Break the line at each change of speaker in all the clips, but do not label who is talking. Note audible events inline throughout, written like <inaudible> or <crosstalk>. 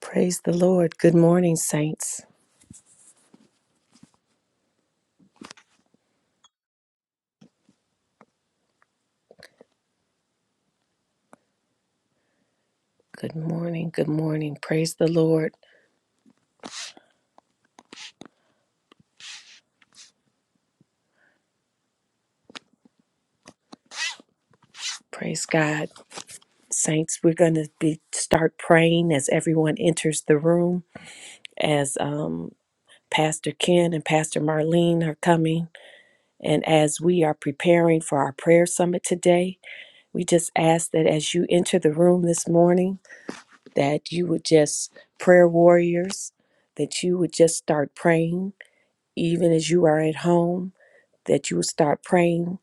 Praise the Lord. Good morning, saints. Good morning. Good morning. Praise the Lord. Praise God. Saints, we're going to be start praying as everyone enters the room as um Pastor Ken and Pastor Marlene are coming and as we are preparing for our prayer summit today, we just ask that as you enter the room this morning that you would just prayer warriors that you would just start praying even as you are at home that you would start praying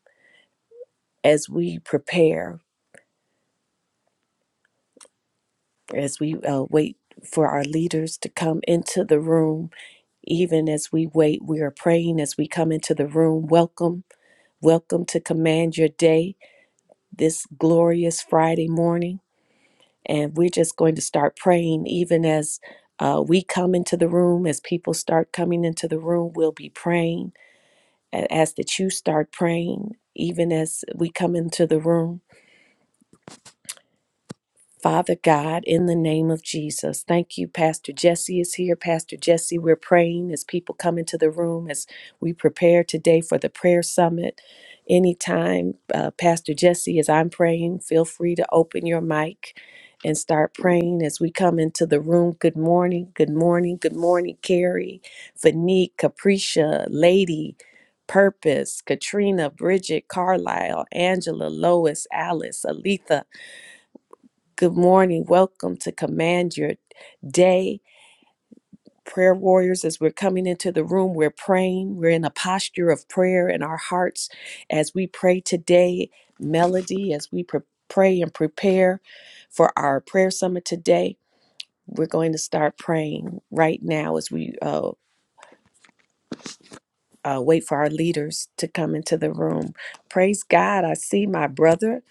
as we prepare, as we uh, wait for our leaders to come into the room, even as we wait, we are praying as we come into the room. Welcome, welcome to Command Your Day this glorious Friday morning. And we're just going to start praying, even as uh, we come into the room, as people start coming into the room, we'll be praying. And ask that you start praying, even as we come into the room. Father God, in the name of Jesus, thank you. Pastor Jesse is here. Pastor Jesse, we're praying as people come into the room as we prepare today for the prayer summit. Anytime, uh, Pastor Jesse, as I'm praying, feel free to open your mic and start praying as we come into the room. Good morning, good morning, good morning, Carrie, Fanique, Capricia, Lady, Purpose, Katrina, Bridget, Carlisle, Angela, Lois, Alice, Aletha. Good morning. Welcome to Command Your Day. Prayer warriors, as we're coming into the room, we're praying. We're in a posture of prayer in our hearts as we pray today. Melody, as we pre- pray and prepare for our prayer summit today, we're going to start praying right now as we uh, uh, wait for our leaders to come into the room. Praise God. I see my brother,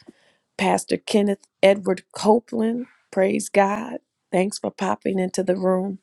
Pastor Kenneth Edward Copeland. Praise God. Thanks for popping into the room.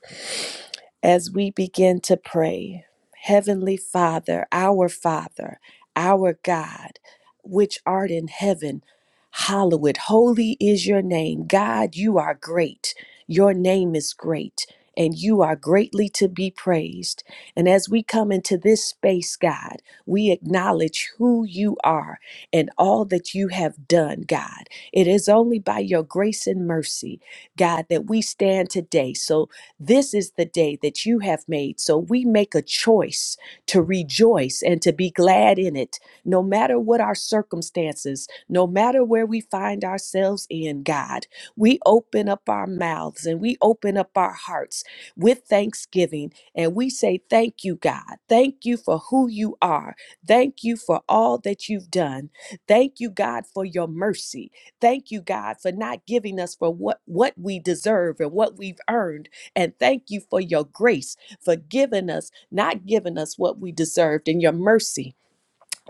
as we begin to pray. Heavenly Father, our Father, our God, which art in heaven, hallowed, holy is your name. God, you are great. Your name is great, and you are greatly to be praised. And as we come into this space, God, we acknowledge who you are and all that you have done, God. It is only by your grace and mercy, God, that we stand today. So this is the day that you have made. So we make a choice to rejoice and to be glad in it, no matter what our circumstances, no matter where we find ourselves in, God. We open up our mouths and we open up our hearts with thanksgiving and we say, Thank you, God. Thank you for who you are. Thank you for all that you've done. Thank you, God, for your mercy. Thank you, God, for not giving us for what, what we deserve and what we've earned and thank you for your grace, for giving us, not giving us what we deserved, and your mercy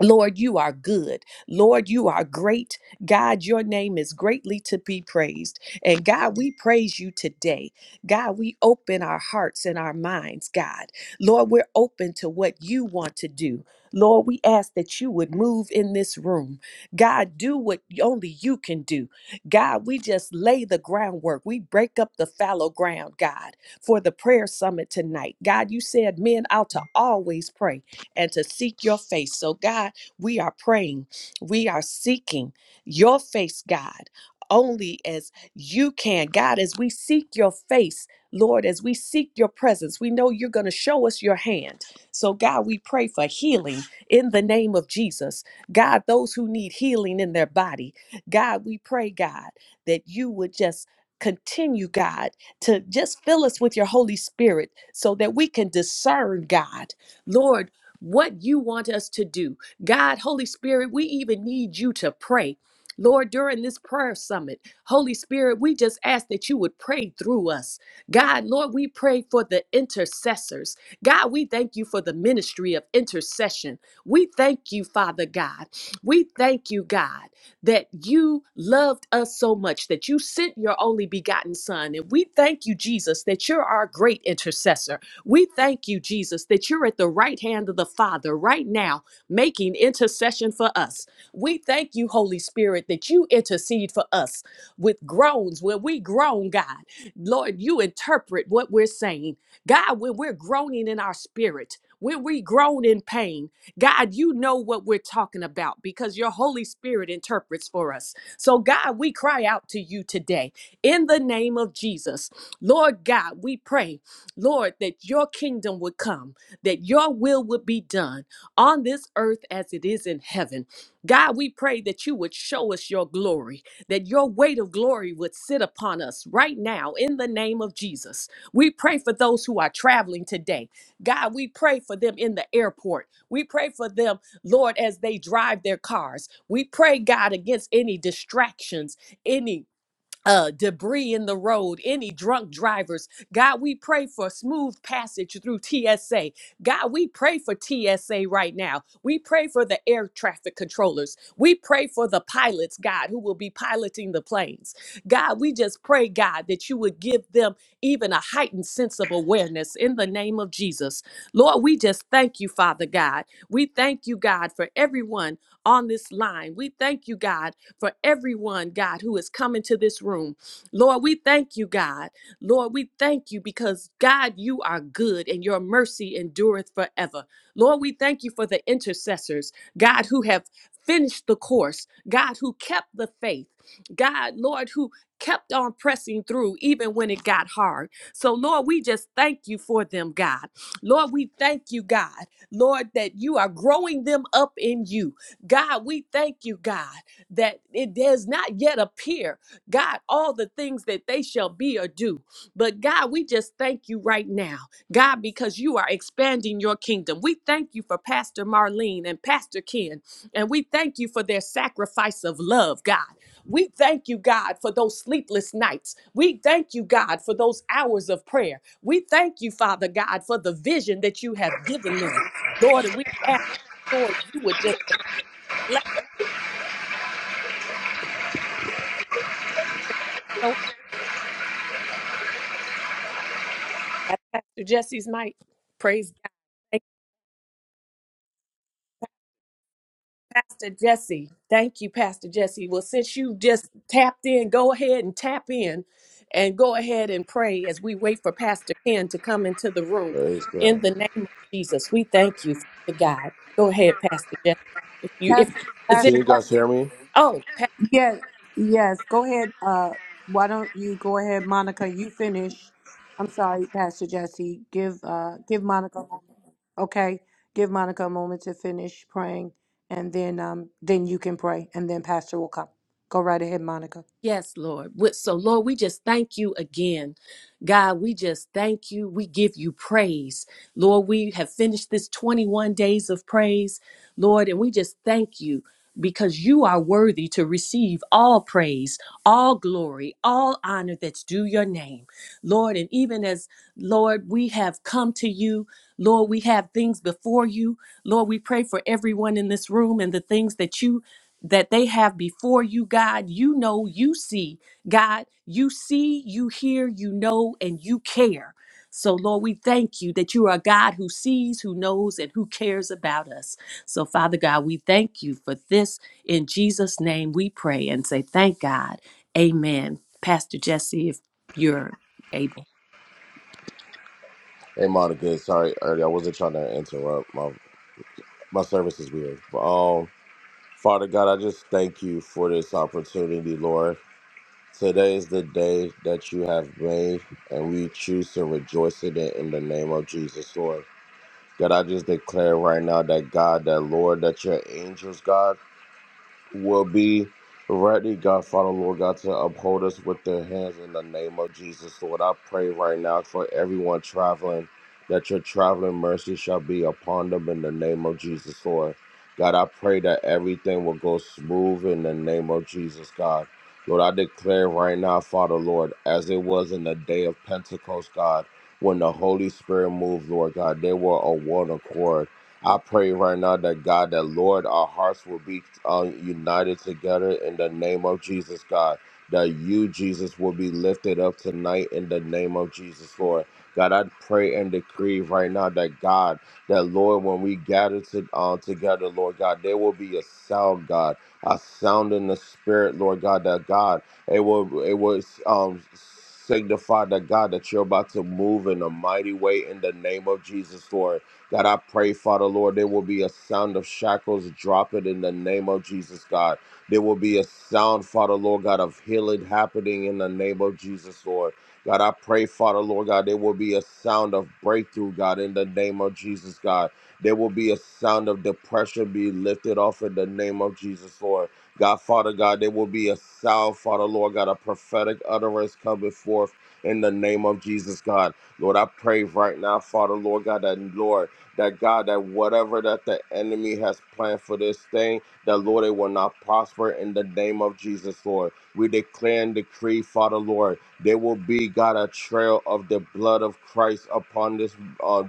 Lord, you are good. Lord, you are great. God, your name is greatly to be praised. And God, we praise you today. God, we open our hearts and our minds, God. Lord, we're open to what you want to do. Lord, we ask that you would move in this room. God, do what only you can do. God, we just lay the groundwork. We break up the fallow ground, God, for the prayer summit tonight. God, you said men ought to always pray and to seek your face. So, God, we are praying. We are seeking your face, God, only as you can. God, as we seek your face, Lord, as we seek your presence, we know you're going to show us your hand. So, God, we pray for healing in the name of Jesus. God, those who need healing in their body, God, we pray, God, that you would just continue, God, to just fill us with your Holy Spirit so that we can discern, God, Lord, what you want us to do God, Holy Spirit, we even need you to pray. Lord, during this prayer summit, Holy Spirit, we just ask that you would pray through us. God, Lord, we pray for the intercessors. God, we thank you for the ministry of intercession. We thank you, Father God. We thank you, God, that you loved us so much that you sent your only begotten Son. And we thank you, Jesus, that you're our great intercessor. We thank you, Jesus, that you're at the right hand of the Father right now making intercession for us. We thank you, Holy Spirit, that you intercede for us with groans. When we groan, God, Lord, you interpret what we're saying. God, when we're groaning in our spirit, when we groan in pain, God, you know what we're talking about because your Holy Spirit interprets for us. So, God, we cry out to you today in the name of Jesus. Lord God, we pray, Lord, that your kingdom would come, that your will would be done on this earth as it is in heaven. God, we pray that you would show us your glory, that your weight of glory would sit upon us right now in the name of Jesus. We pray for those who are traveling today. God, we pray for them in the airport. We pray for them, Lord, as they drive their cars. We pray, God, against any distractions, any uh, debris in the road, any drunk drivers. God, we pray for smooth passage through TSA. God, we pray for TSA right now. We pray for the air traffic controllers. We pray for the pilots, God, who will be piloting the planes. God, we just pray, God, that you would give them even a heightened sense of awareness in the name of Jesus. Lord, we just thank you, Father God. We thank you, God, for everyone on this line. We thank you, God for everyone, God, who is coming to this room. Lord, we thank you, God. Lord, we thank you because, God, you are good and your mercy endureth forever. Lord, we thank you for the intercessors, God, who have finished the course, God, who kept the faith, God, Lord, who kept on pressing through even when it got hard. So, Lord, we just thank you for them, God. Lord, we thank you, God. Lord, that you are growing them up in you. God, we thank you, God that it does not yet appear, God, all the things that they shall be or do. But God, we just thank you right now, God, because you are expanding your kingdom. We thank you for Pastor Marlene and Pastor Ken, and we thank you for their sacrifice of love, God. We thank you, God, for those sleepless nights. We thank you, God, for those hours of prayer. We thank you, Father God, for the vision that you have given them. Lord, and we ask, Lord, you would just bless. That's Pastor Jesse's mic. Praise God. Thank you, Pastor Jesse. Thank you, Pastor Jesse. Well, since you just tapped in, go ahead and tap in and go ahead and pray as we wait for Pastor Ken to come into the room.
Praise God.
In the name of Jesus, we thank you, Father God. Go ahead, Pastor Jesse. If you
Can,
if
Pastor,
you're in a position,
can
Pastor
you guys hear
Jesse.
me?
oh,
Yes, yes. Go ahead. Uh, why don't you go ahead, Monica? You finish. I'm sorry, Pastor Jesse. Give uh, give Monica. a moment. Okay, give Monica a moment to finish praying, and then um, then you can pray, and then Pastor will come. Go right ahead, Monica.
Yes, Lord. We- So, Lord, we just thank you again. God, we just thank you. We give you praise. Lord, we have finished this 21 days of praise, Lord, and we just thank you because you are worthy to receive all praise, all glory, all honor that's due your name, Lord. And even as, Lord, we have come to you, Lord, we have things before you. Lord, we pray for everyone in this room and the things that you that they have before you, God. You know, you see, God. You see, you hear, you know, and you care. So, Lord, we thank you that you are a God who sees, who knows, and who cares about us. So, Father God, we thank you for this. In Jesus' name, we pray and say, Thank God. Amen. Pastor Jesse, if you're able.
Hey, Monica. Sorry, earlier I wasn't trying to interrupt. My my service is weird. But, um, Father God, I just thank you for this opportunity, Lord. Today is the day that you have made, and we choose to rejoice in it in the name of Jesus, Lord. God, I just declare right now that God, that Lord, that your angels, God. will be ready, God, Father, Lord God, to uphold us with their hands in the name of Jesus. Lord, I pray right now for everyone traveling that your traveling mercy shall be upon them in the name of Jesus, Lord. God, I pray that everything will go smooth in the name of Jesus, God. Lord, I declare right now, Father, Lord, as it was in the day of Pentecost, God, when the Holy Spirit moved, Lord God, they were a one accord. I pray right now that God, that Lord, our hearts will be uh, united together in the name of Jesus, God. That you, Jesus, will be lifted up tonight in the name of Jesus, Lord. God, I pray and decree right now that God, that Lord, when we gather to, uh, together, Lord God, there will be a sound, God, a sound in the spirit, Lord God, that God, it will, it will um, signify that God, that you're about to move in a mighty way in the name of Jesus, Lord. God, I pray, Father Lord, there will be a sound of shackles dropping in the name of Jesus, God. There will be a sound, Father Lord, God, of healing happening in the name of Jesus, Lord. God, I pray, Father Lord, God, there will be a sound of breakthrough, God, in the name of Jesus, God. There will be a sound of depression be lifted off in the name of Jesus, Lord. God, Father God, there will be a sound, Father Lord, God, a prophetic utterance coming forth in the name of Jesus, God. Lord, I pray right now, Father Lord, God, that Lord that God, that whatever that the enemy has planned for this thing, that Lord, it will not prosper in the name of Jesus, Lord. We declare and decree, Father, Lord, there will be, God, a trail of the blood of Christ upon this uh,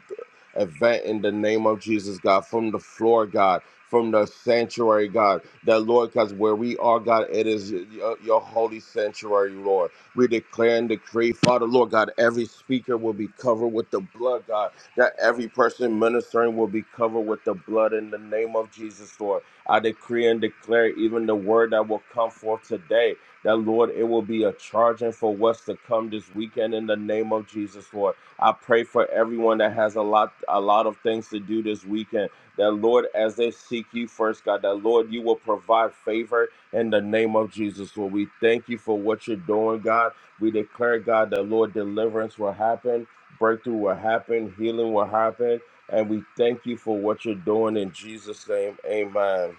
event in the name of Jesus, God, from the floor, God. From the sanctuary, God, that Lord, because where we are, God, it is your, your holy sanctuary, Lord. We declare and decree, Father, Lord, God, every speaker will be covered with the blood, God that every person ministering will be covered with the blood in the name of Jesus, Lord. I decree and declare even the word that will come forth today, that Lord, it will be a charging for what's to come this weekend in the name of Jesus, Lord. I pray for everyone that has a lot, a lot of things to do this weekend. That Lord, as they seek you first, God, that Lord, you will provide favor in the name of Jesus. Lord, we thank you for what you're doing, God. We declare, God, that Lord, deliverance will happen breakthrough will happen, healing will happen, and we thank you for what you're doing in Jesus' name. Amen.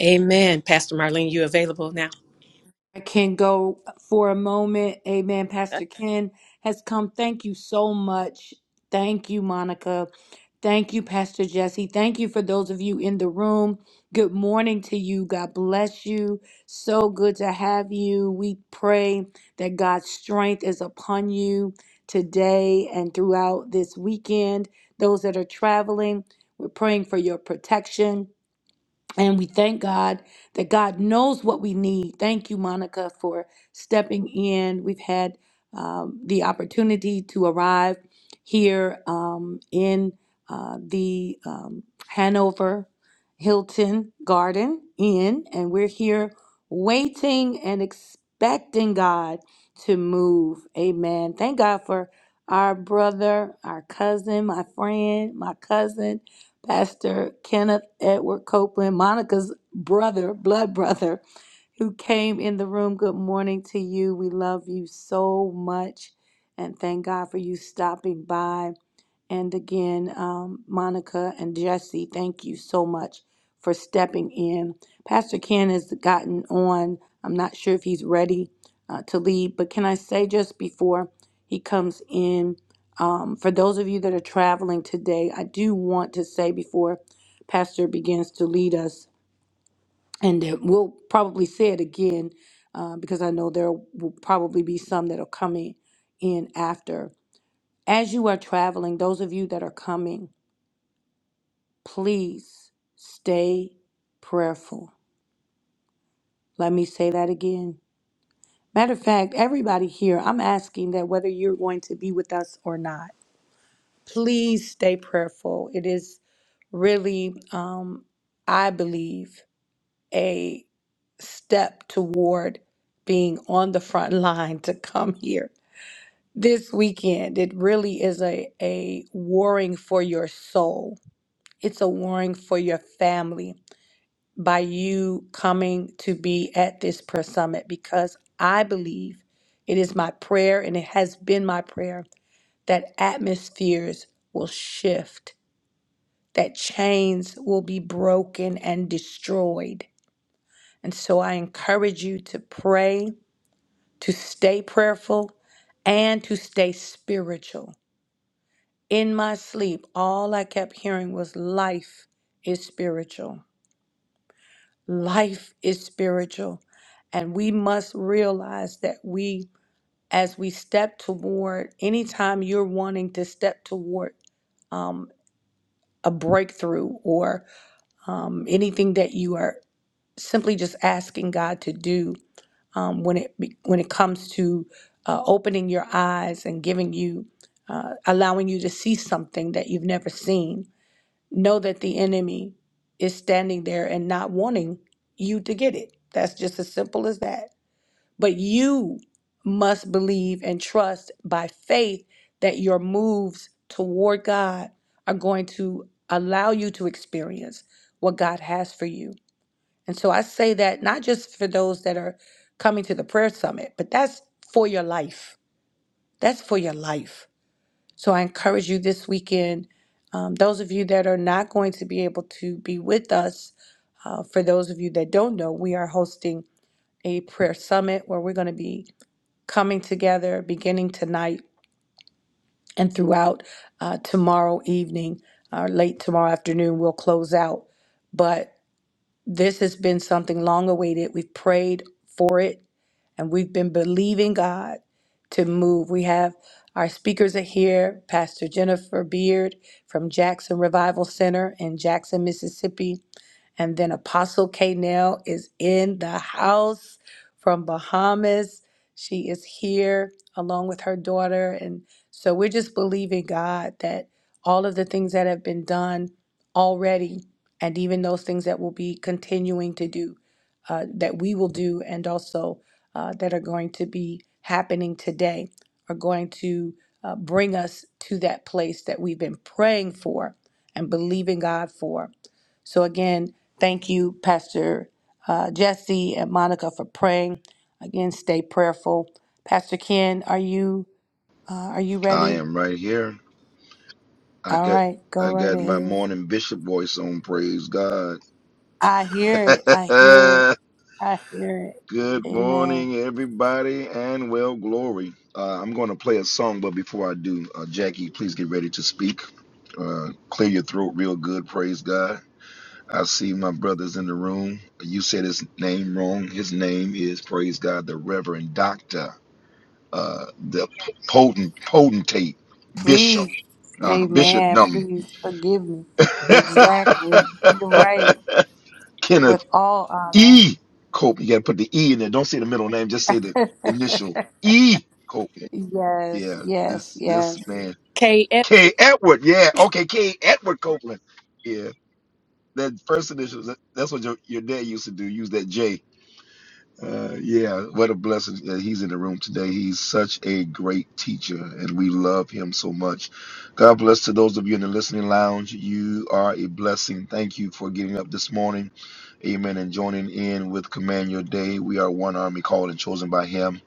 Amen. Pastor Marlene, you available now?
I can go for a moment. Amen. Pastor Ken has come. Thank you so much. Thank you, Monica. Thank you, Pastor Jesse. Thank you for those of you in the room. Good morning to you. God bless you. So good to have you. We pray that God's strength is upon you today and throughout this weekend. Those that are traveling, we're praying for your protection. And we thank God that God knows what we need. Thank you, Monica, for stepping in. We've had um, the opportunity to arrive here um, in uh, the um, Hanover Hilton Garden Inn, and we're here waiting and expecting God to move. Amen. Thank God for our brother, our cousin, my friend, my cousin. Pastor Kenneth Edward Copeland, Monica's brother, blood brother, who came in the room. Good morning to you. We love you so much and thank God for you stopping by. And again, um, Monica and Jesse, thank you so much for stepping in. Pastor Ken has gotten on. I'm not sure if he's ready uh, to lead, but can I say just before he comes in, um, for those of you that are traveling today, I do want to say before Pastor begins to lead us, and that we'll probably say it again uh, because I know there will probably be some that are coming in after. As you are traveling, those of you that are coming, please stay prayerful. Let me say that again. Matter of fact, everybody here, I'm asking that whether you're going to be with us or not, please stay prayerful. It is really, um, I believe, a step toward being on the front <laughs> line to come here this weekend. It really is a, a warring for your soul, it's a warring for your family by you coming to be at this prayer summit because I believe it is my prayer and it has been my prayer that atmospheres will shift, that chains will be broken and destroyed. And so I encourage you to pray, to stay prayerful, and to stay spiritual. In my sleep, all I kept hearing was life is spiritual. Life is spiritual, and we must realize that we, as we step toward, anytime you're wanting to step toward um, a breakthrough or um, anything that you are simply just asking God to do um, when it be- when it comes to uh, opening your eyes and giving you uh, allowing you to see something that you've never seen know that the enemy is standing there and not wanting you to get it. That's just as simple as that. But you must believe and trust by faith that your moves toward God are going to allow you to experience what God has for you. And so I say that not just for those that are coming to the prayer summit, but that's for your life. That's for your life so I encourage you this weekend, um, those of you that are not going to be able to be with us, uh, for those of you that don't know, we are hosting a prayer summit where we're going to be coming together beginning tonight and throughout uh, tomorrow evening or late tomorrow afternoon. We'll close out. but. This has been something long awaited. We've prayed for it and we've been believing God to move. We have our speakers are here Pastor Jennifer Beard from Jackson Revival Center in Jackson, Mississippi, and then Apostle K. Nell is in the house from Bahamas. She is here along with her daughter. And so we're just believing God that all of the things that have been done already, and even those things that will be continuing to do, uh, that we will do, and also uh, that are going to be happening today, are going to uh, bring us to that place that we've been praying for and believing God for. So again, thank you, Pastor uh, Jesse and Monica, for praying. Again, stay prayerful. Pastor Ken, are you uh, are you
I
ready?
am right here. I
All
got
right, go
I
right
got my
ahead.
morning bishop voice on, praise God.
I hear it. I hear it.
<laughs>
I hear it.
Good
Amen.
morning, everybody, and well, glory. Uh, I'm going to play a song, but before I do, uh, Jackie, please get ready to speak. Uh, clear your throat real good, praise God. I see my brothers in the room. You said his name wrong. His name is, praise God, the Reverend Doctor, uh, the potent, potentate, Bishop,
Please,
uh, Bishop
Amen. Please forgive me. Exactly. You're right.
<laughs>
With
Kenneth
all honor.
E. Copeland. You got to put the E in there. Don't say the middle name. Just say the
<laughs>
initial E. Copeland.
yes.
Yeah,
Yes.
this
Yes.
this man.
K.
K.
Edwards.
Edward. Yeah, okay. K. Edward Copeland. Yeah, that first initial. That's what your, your dad used to do. Use that J. Uh, yeah, what a blessing that he's in the room today. He's such a great teacher, and we love him so much. God bless to those of you in the listening lounge. You are a blessing. Thank you for getting up this morning. Amen. And joining in with Command Your Day. We are one army called and chosen by him.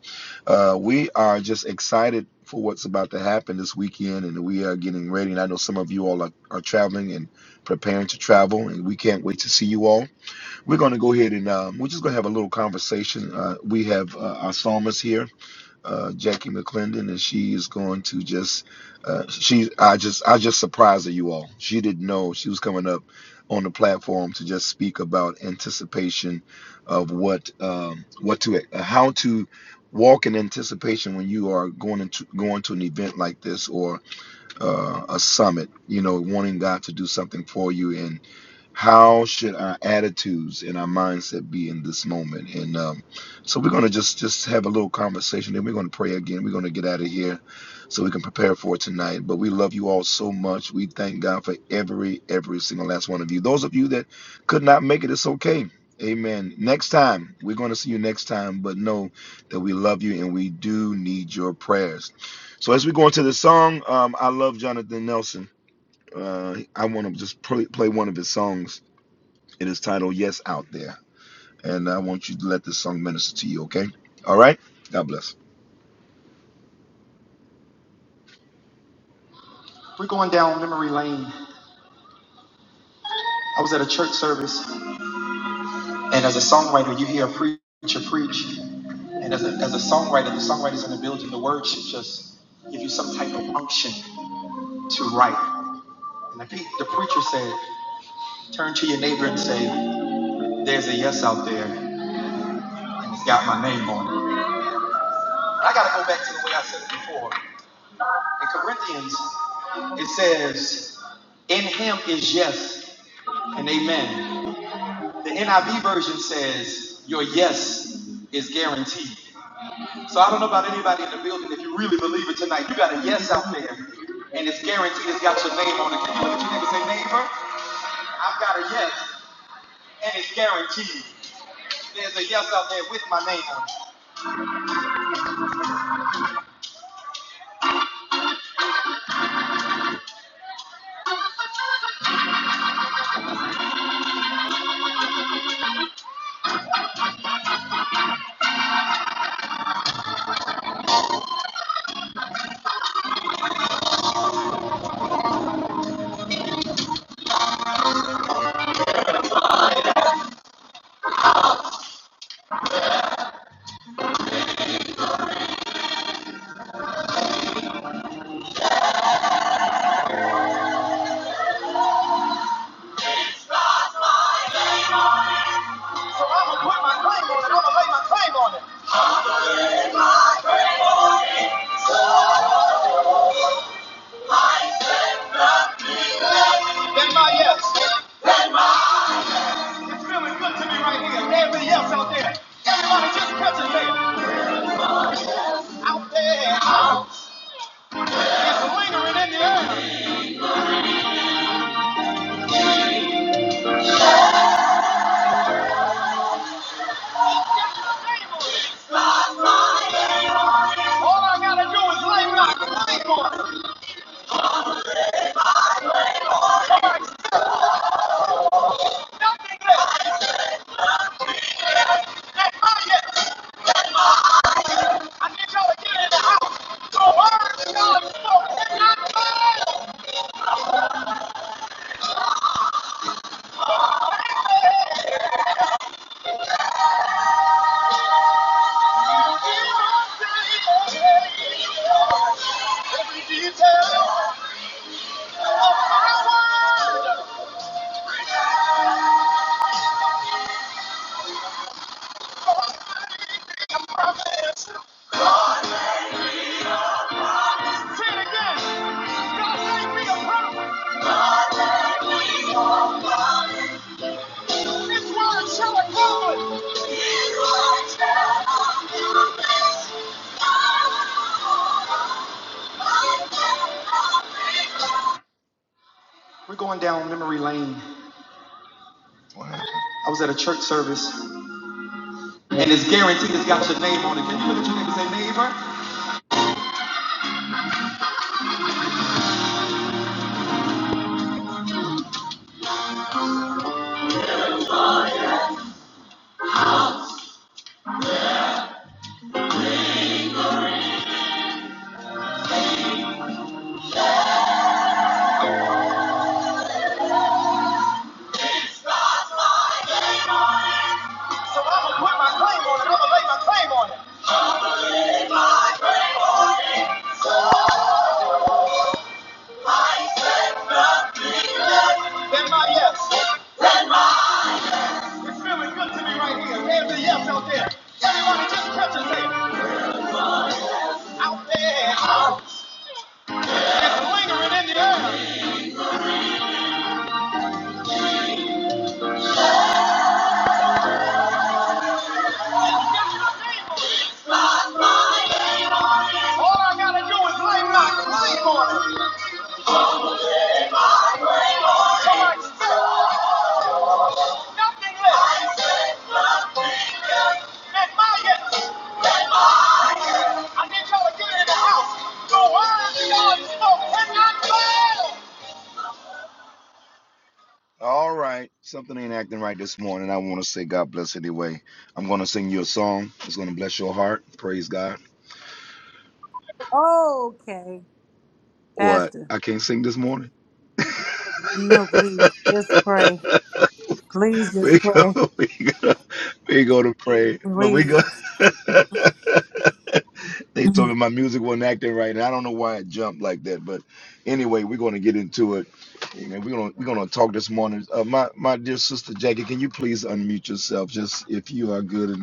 Uh, we are just excited for what's about to happen this weekend, and we are getting ready. And I know some of you all are, are traveling and preparing to travel, and we can't wait to see you all. We're going to go ahead and um, we're just going to have a little conversation. Uh, we have uh, our psalmist here, uh, Jackie McClendon, and she is going to just uh, she I just I just surprised you all. She didn't know she was coming up on the platform to just speak about anticipation of what um, what to uh, how to walk in anticipation when you are going into going to an event like this or uh, a summit. You know, wanting God to do something for you and how should our attitudes and our mindset be in this moment? And um, so we're going to just just have a little conversation. Then we're going to pray again. We're going to get out of here so we can prepare for tonight. But we love you all so much. We thank God for every every single last one of you. Those of you that could not make it, it's okay. Amen. Next time, we're going to see you next time. But know that we love you and we do need your prayers. So as we go into the song, um, I love Jonathan Nelson. Uh, I want to just play, play one of his songs it is titled Yes Out There. And I want you to let this song minister to you, okay? All right? God bless. We're going down memory lane. I was at a church service, and as a songwriter, you hear a preacher preach. And as a, as a songwriter, the songwriters in the building, the word should just give you some type of unction to write. And the, pe- the preacher said, turn to your neighbor and say, there's a yes out there, and it's got my name on it. I got to go back to the way I said it before. In Corinthians, it says, In him is yes and amen. The NIV version says, Your yes is guaranteed. So I don't know about anybody in the building. If you really believe it tonight, you got a yes out there. And it's guaranteed. It's got your name on it. Can you look at your neighbor and say, Neighbor, I've got a yes. And it's guaranteed. There's a yes out there with my name on it. So I'm going to put my claim on it. I'm going to lay my claim on it. That's my yes. It's really good to me right here. Everybody else out there. Everybody just catch it there. Out there. Out. It's lingering in the air. All I gotta do is lay my claim on it. Nothing less. That's mine yet. I need y'all to get in the house. So word to God is spoken and not mine. Be a prophet. Say it again. I say be a prophet. We're going down memory lane. What happened? I was at a church service, and it's guaranteed it's got your name on it. Can you look at your neighbor and say, neighbor? So I'm gonna put my claim on it. I'm gonna lay my claim on it. My claim on it. I said nothing less. Than my yes. It's feeling good to me right here. Everybody else out there. Everybody just touch and say, out there. It's lingering in the air. It's your name on it. All I gotta do is lay my claim on it. So I expect nothing less. And my yes, I need y'all to get in the house. The word God spoke cannot fail. All right, something ain't acting right this morning. I want to say God bless anyway. I'm going to sing you a song. It's going to bless your heart. Praise God.
Okay,
What?
Pastor.
I can't sing this morning. <laughs>
No, please, just pray. Please, just
we
pray.
go, we go, we go to pray, but we
Please,
go. <laughs> they
<laughs>
told me my music wasn't acting right, and I don't know why it jumped like that. But anyway, we're going to get into it. Amen. We're going to we're going to talk this morning. Uh, my my dear sister Jackie, can you please unmute yourself, just if you are good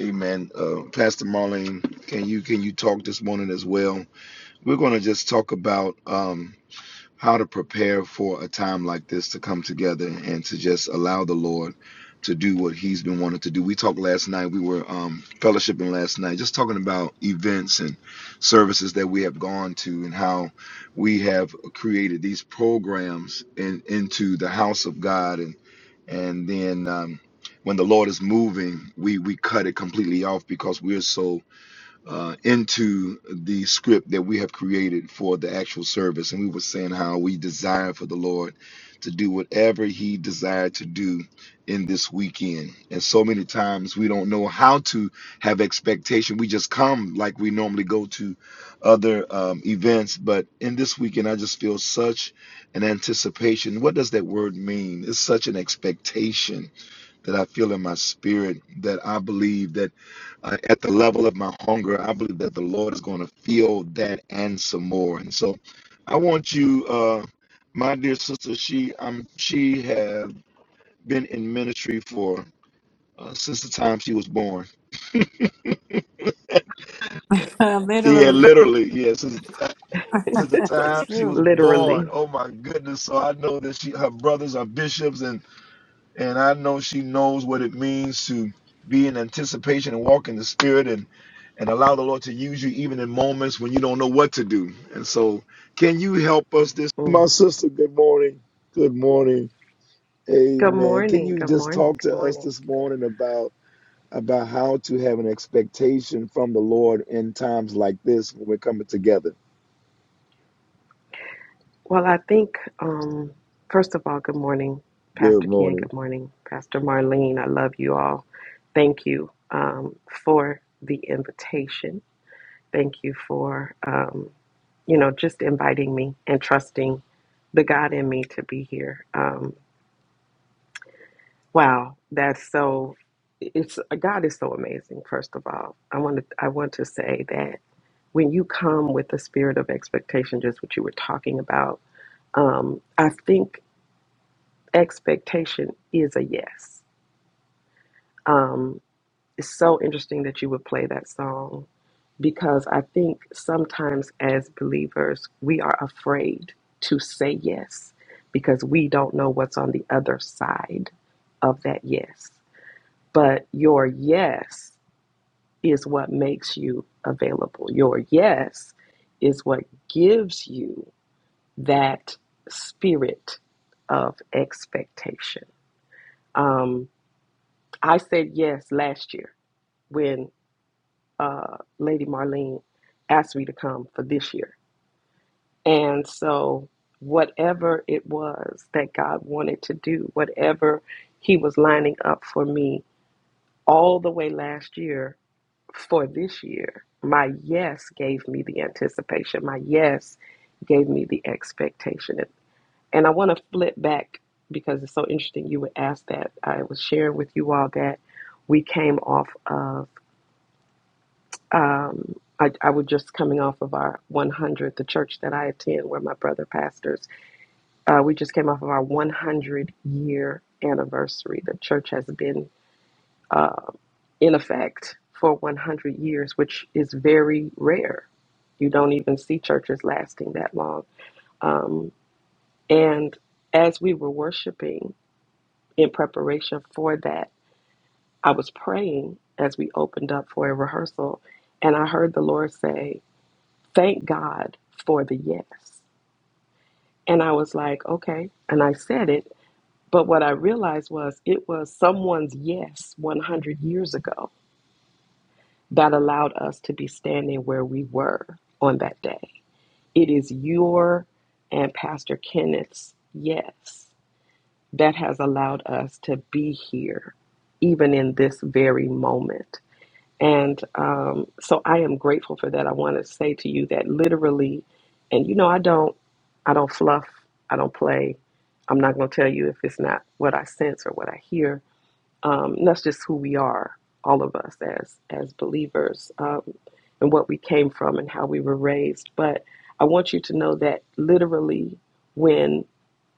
Amen. Uh, Pastor Marlene, can you can you talk this morning as well? We're going to just talk about. um, how to prepare for a time like this to come together and to just allow the Lord to do what He's been wanting to do. We talked last night, we were um, fellowshipping last night, just talking about events and services that we have gone to and how we have created these programs in, into the house of God and and then um, when the Lord is moving, we we cut it completely off because we're so uh, into the script that we have created for the actual service. And we were saying how we desire for the Lord to do whatever He desired to do in this weekend. And so many times we don't know how to have expectation. We just come like we normally go to other um, events. But in this weekend, I just feel such an anticipation. What does that word mean? It's such an expectation that I feel in my spirit that I believe that uh, at the level of my hunger, I believe that the Lord is going to feel that and some more. And so I want you, uh, my dear sister, she um, she have been in ministry for uh, since the time she was born. Yeah,
literally,
literally, yeah, since,
<laughs>
since the time she
true.
was born.
Literally.
Oh my goodness! So I know that she, her brothers are bishops, and. and I know she knows what it means to be in anticipation and walk in the Spirit and and allow the Lord to use you even in moments when you don't know what to do. And so, can you help us this?
Mm.
My sister, good morning. Good morning.
Good
Amen. Can
morning.
you
Good
just
morning.
talk
Good
to us
morning.
this morning about about how to have an expectation from the Lord in times like this when we're coming together?
Well, I think, um, first of all, good morning,
Good
Pastor Ken.
morning.
Good morning, Pastor Marlene. I love you all. Thank you um, for the invitation. Thank you for, um, you know, just inviting me and trusting the God in me to be here. Um, wow, that's so. It's God is so amazing. First of all, I want to I want to say that when you come with the spirit of expectation, just what you were talking about, um, I think expectation is a yes. Um, it's so interesting that you would play that song because I think sometimes as believers, we are afraid to say yes because we don't know what's on the other side of that yes. But your yes is what makes you available, your yes is what gives you that spirit of expectation. Um, I said yes last year when uh, Lady Marlene asked me to come for this year. And so, whatever it was that God wanted to do, whatever He was lining up for me all the way last year for this year, my yes gave me the anticipation. My yes gave me the expectation. And And I want to flip back because it's so interesting you would ask that. I was sharing with you all that we came off of, um, I, I was just coming off of our 100, the church that I attend where my brother pastors. Uh, we just came off of our 100 year anniversary. The church has been in effect for 100 years, which is very rare. You don't even see churches lasting that long. Um, and as we were worshiping in preparation for that, I was praying as we opened up for a rehearsal, and I heard the Lord say, Thank God for the yes. And I was like, Okay. And I said it. But what I realized was it was someone's yes 100 years ago that allowed us to be standing where we were on that day. It is your and Pastor Kenneth's yes that has allowed us to be here, even in this very moment. And um, so I am grateful for that. I want to say to you that literally, and you know, I don't, I don't fluff, I don't play. I'm not going to tell you if it's not what I sense or what I hear. Um, and that's just who we are, all of us as as believers, um, and what we came from and how we were raised. But I want you to know that literally, when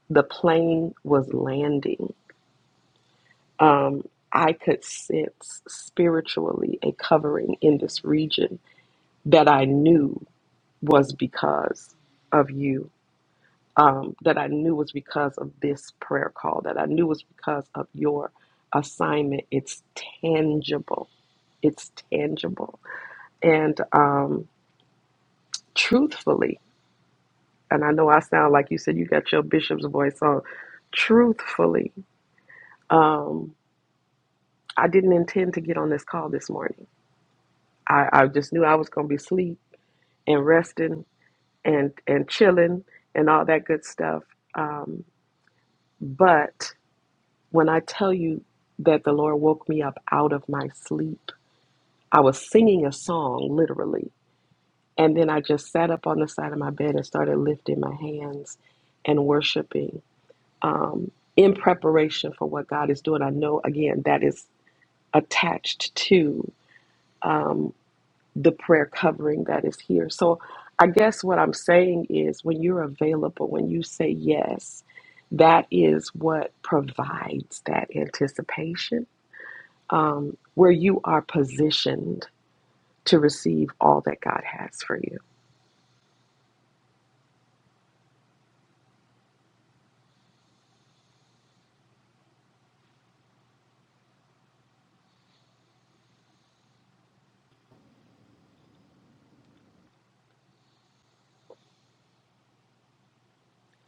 the plane was landing, um, I could sense spiritually a covering in this region that I knew was because of you, um, that I knew was because of this prayer call, that I knew was because of your assignment. It's tangible. It's tangible. And um, truthfully, and I know I sound like you said you got your bishop's voice on, truthfully, um, I didn't intend to get on this call this morning. I, I just knew I was going to be asleep and resting and, and chilling and all that good stuff. Um, But when I tell you that the Lord woke me up out of my sleep, I was singing a song literally. And then I just sat up on the side of my bed and started lifting my hands and worshiping um, in preparation for what God is doing. I know, again, that is attached to. um, the prayer covering that is here. So I guess what I'm saying is when you're available, when you say yes, that is what provides that anticipation um, where you are positioned to receive all that God has for you.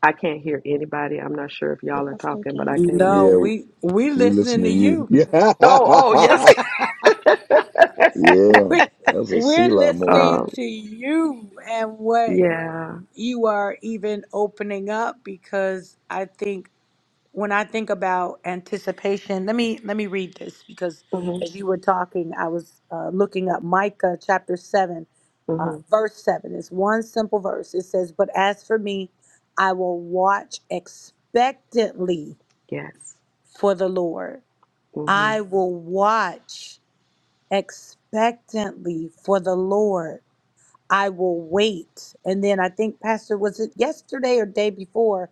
I can't hear anybody. I'm not sure if y'all are
That's
talking, but I
King.
can't hear.
No,
Yeah,
we we
we listen
listening
to
to
you.
you.
Oh, oh, yes.
<laughs> Yeah.
<laughs>
yeah.
we
That's a
we're
Selah
<laughs>
moment.
listening
um,
to you and what
yeah.
you are even opening up because I think when I think about anticipation, let me let me read this because
hmm
as you were talking, I was uh, looking up Micah chapter seven, uh,
hmm
verse seven. It's one simple verse. It says, "But as for me, I will watch expectantly
Yes.
for the Lord.
hmm
I will watch expectantly for the Lord. I will wait." And then I think, Pastor, was it yesterday or day before?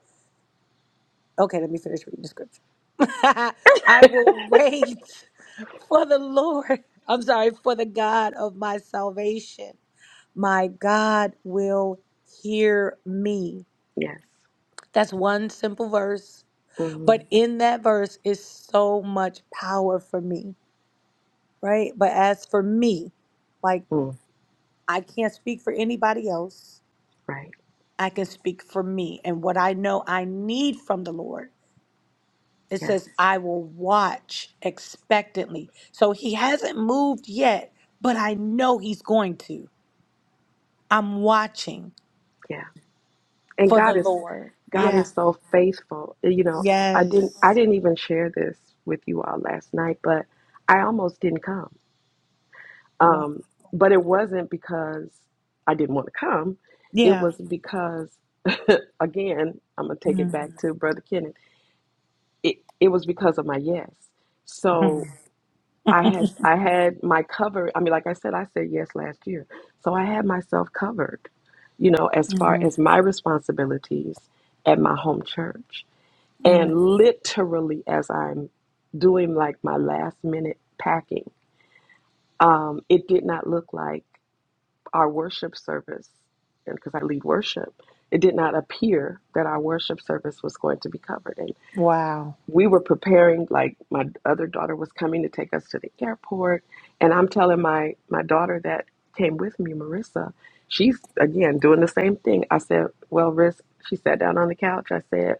Okay, let me finish reading the scripture. <laughs> I will wait for the Lord. <laughs> I'm sorry, for the God of my salvation. My God will hear me.
Yes.
That's one simple verse.
hmm
But in that verse is so much power for me, right? But as for me, like
mm
I can't speak for anybody else.
Right.
I can speak for me and what I know I need from the Lord. It
Yes.
says, I will watch expectantly. So he hasn't moved yet, but I know he's going to. I'm watching
Yeah. And
for the
God is
Lord.
God
Yeah.
is so faithful. You know, I
Yes.
didn't I didn't even share this with you all last night, but I almost didn't come.
Wa-
Um, but it wasn't because I didn't want to come. It
Yeah.
was because again, I'm gonna take it back
Mm.
to Brother Kenneth. It it was because of my yes. So
Mhm.
I had
<laughs>
I had my cover. I mean, like I said, I said yes last year, so I had myself covered. You know, as far as
Mhm.
my responsibilities at my home church,
Mhm.
and literally as I'm doing like my last minute packing, um, it did not look like our worship service, because I lead worship, it did not appear that our worship service was going to be covered. and
Wow.
we were preparing like my other daughter was coming to take us to the airport and i'm telling my my daughter that came with me marissa she's again doing the same thing i said well risk she sat down on the couch i said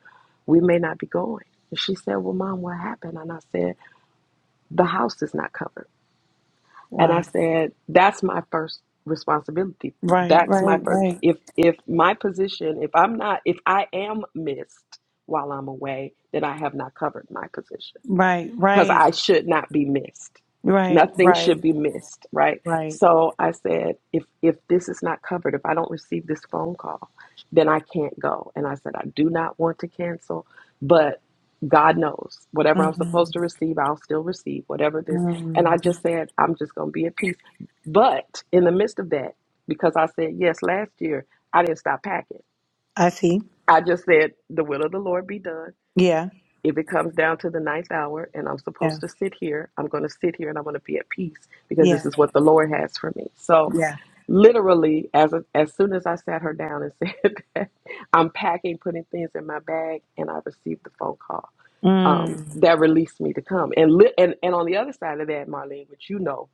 we may not be going and she said well mom what happened and i said the house is not covered and i
Wow.
said that's my first responsibility
Right,
that's my
right,
first
right,
if if my position if i'm not if i am missed while i'm away then i have not covered my position
right,
because
right,
I should not be missed.
right,
Nothing
right,
should be missed, right?
right.
So I said, if if this is not covered, if I don't receive this phone call, then I can't go. And I said, I do not want to cancel, but God knows whatever I'm supposed to
Mhm.
receive, I'll still receive whatever this. And
Mhm.
I just said, I'm just going to be at peace. But in the midst of that, because I said yes last year, I didn't stop packing.
I see.
I just said, the will of the Lord be done
Yeah.
if it comes down to the ninth hour and I'm supposed
Yeah.
to sit here, I'm going to sit here and I'm going to be at peace because this
Yeah.
is what the Lord has for me. So
Yeah.
literally, as a, as soon as I sat her down and <laughs> said that, I'm packing, putting things in my bag, and I received the phone call um,
Mm.
that released me to come. And li- and and on the other side of that, Marlene, which you know,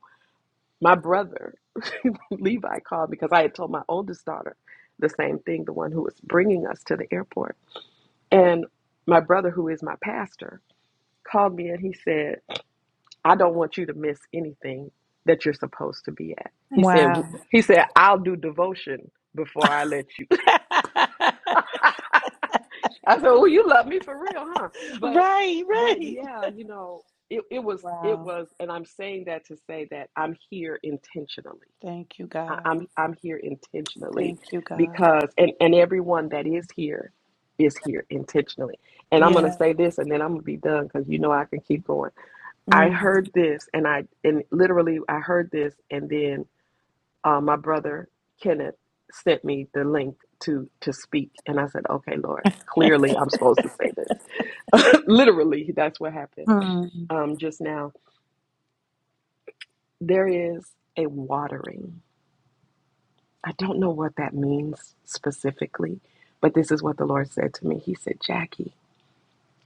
my brother <laughs> Levi called because I had told my oldest daughter the same thing, the one who was bringing us to the airport, and my brother, who is my pastor called me and he said, "I don't want you to miss anything that you're supposed to be at." He said, w-
Wow.
"He said I'll do devotion before I let you."
<laughs>
<laughs> I said, "Well, you love me for real, huh?" But,
Right,
but
right.
yeah, you know, it, it was it
Wow.
was, and I'm saying that to say that I'm here intentionally.
Thank you,
I,
God.
I'm I'm here intentionally
Thank you, God.
because, and and everyone that is here is here intentionally. And I'm gonna
Yeah.
say this, and then I'm gonna be done because you know I can keep going I
Mm.
heard this, and I and literally I heard this, and then uh, my brother Kenneth sent me the link to to speak, and I said, "Okay, Lord,
<laughs>
clearly I'm supposed to say this." <laughs> literally, that's what happened.
Mm.
Um, just now, there is a watering. I don't know what that means specifically, but this is what the Lord said to me. He said, "Jackie,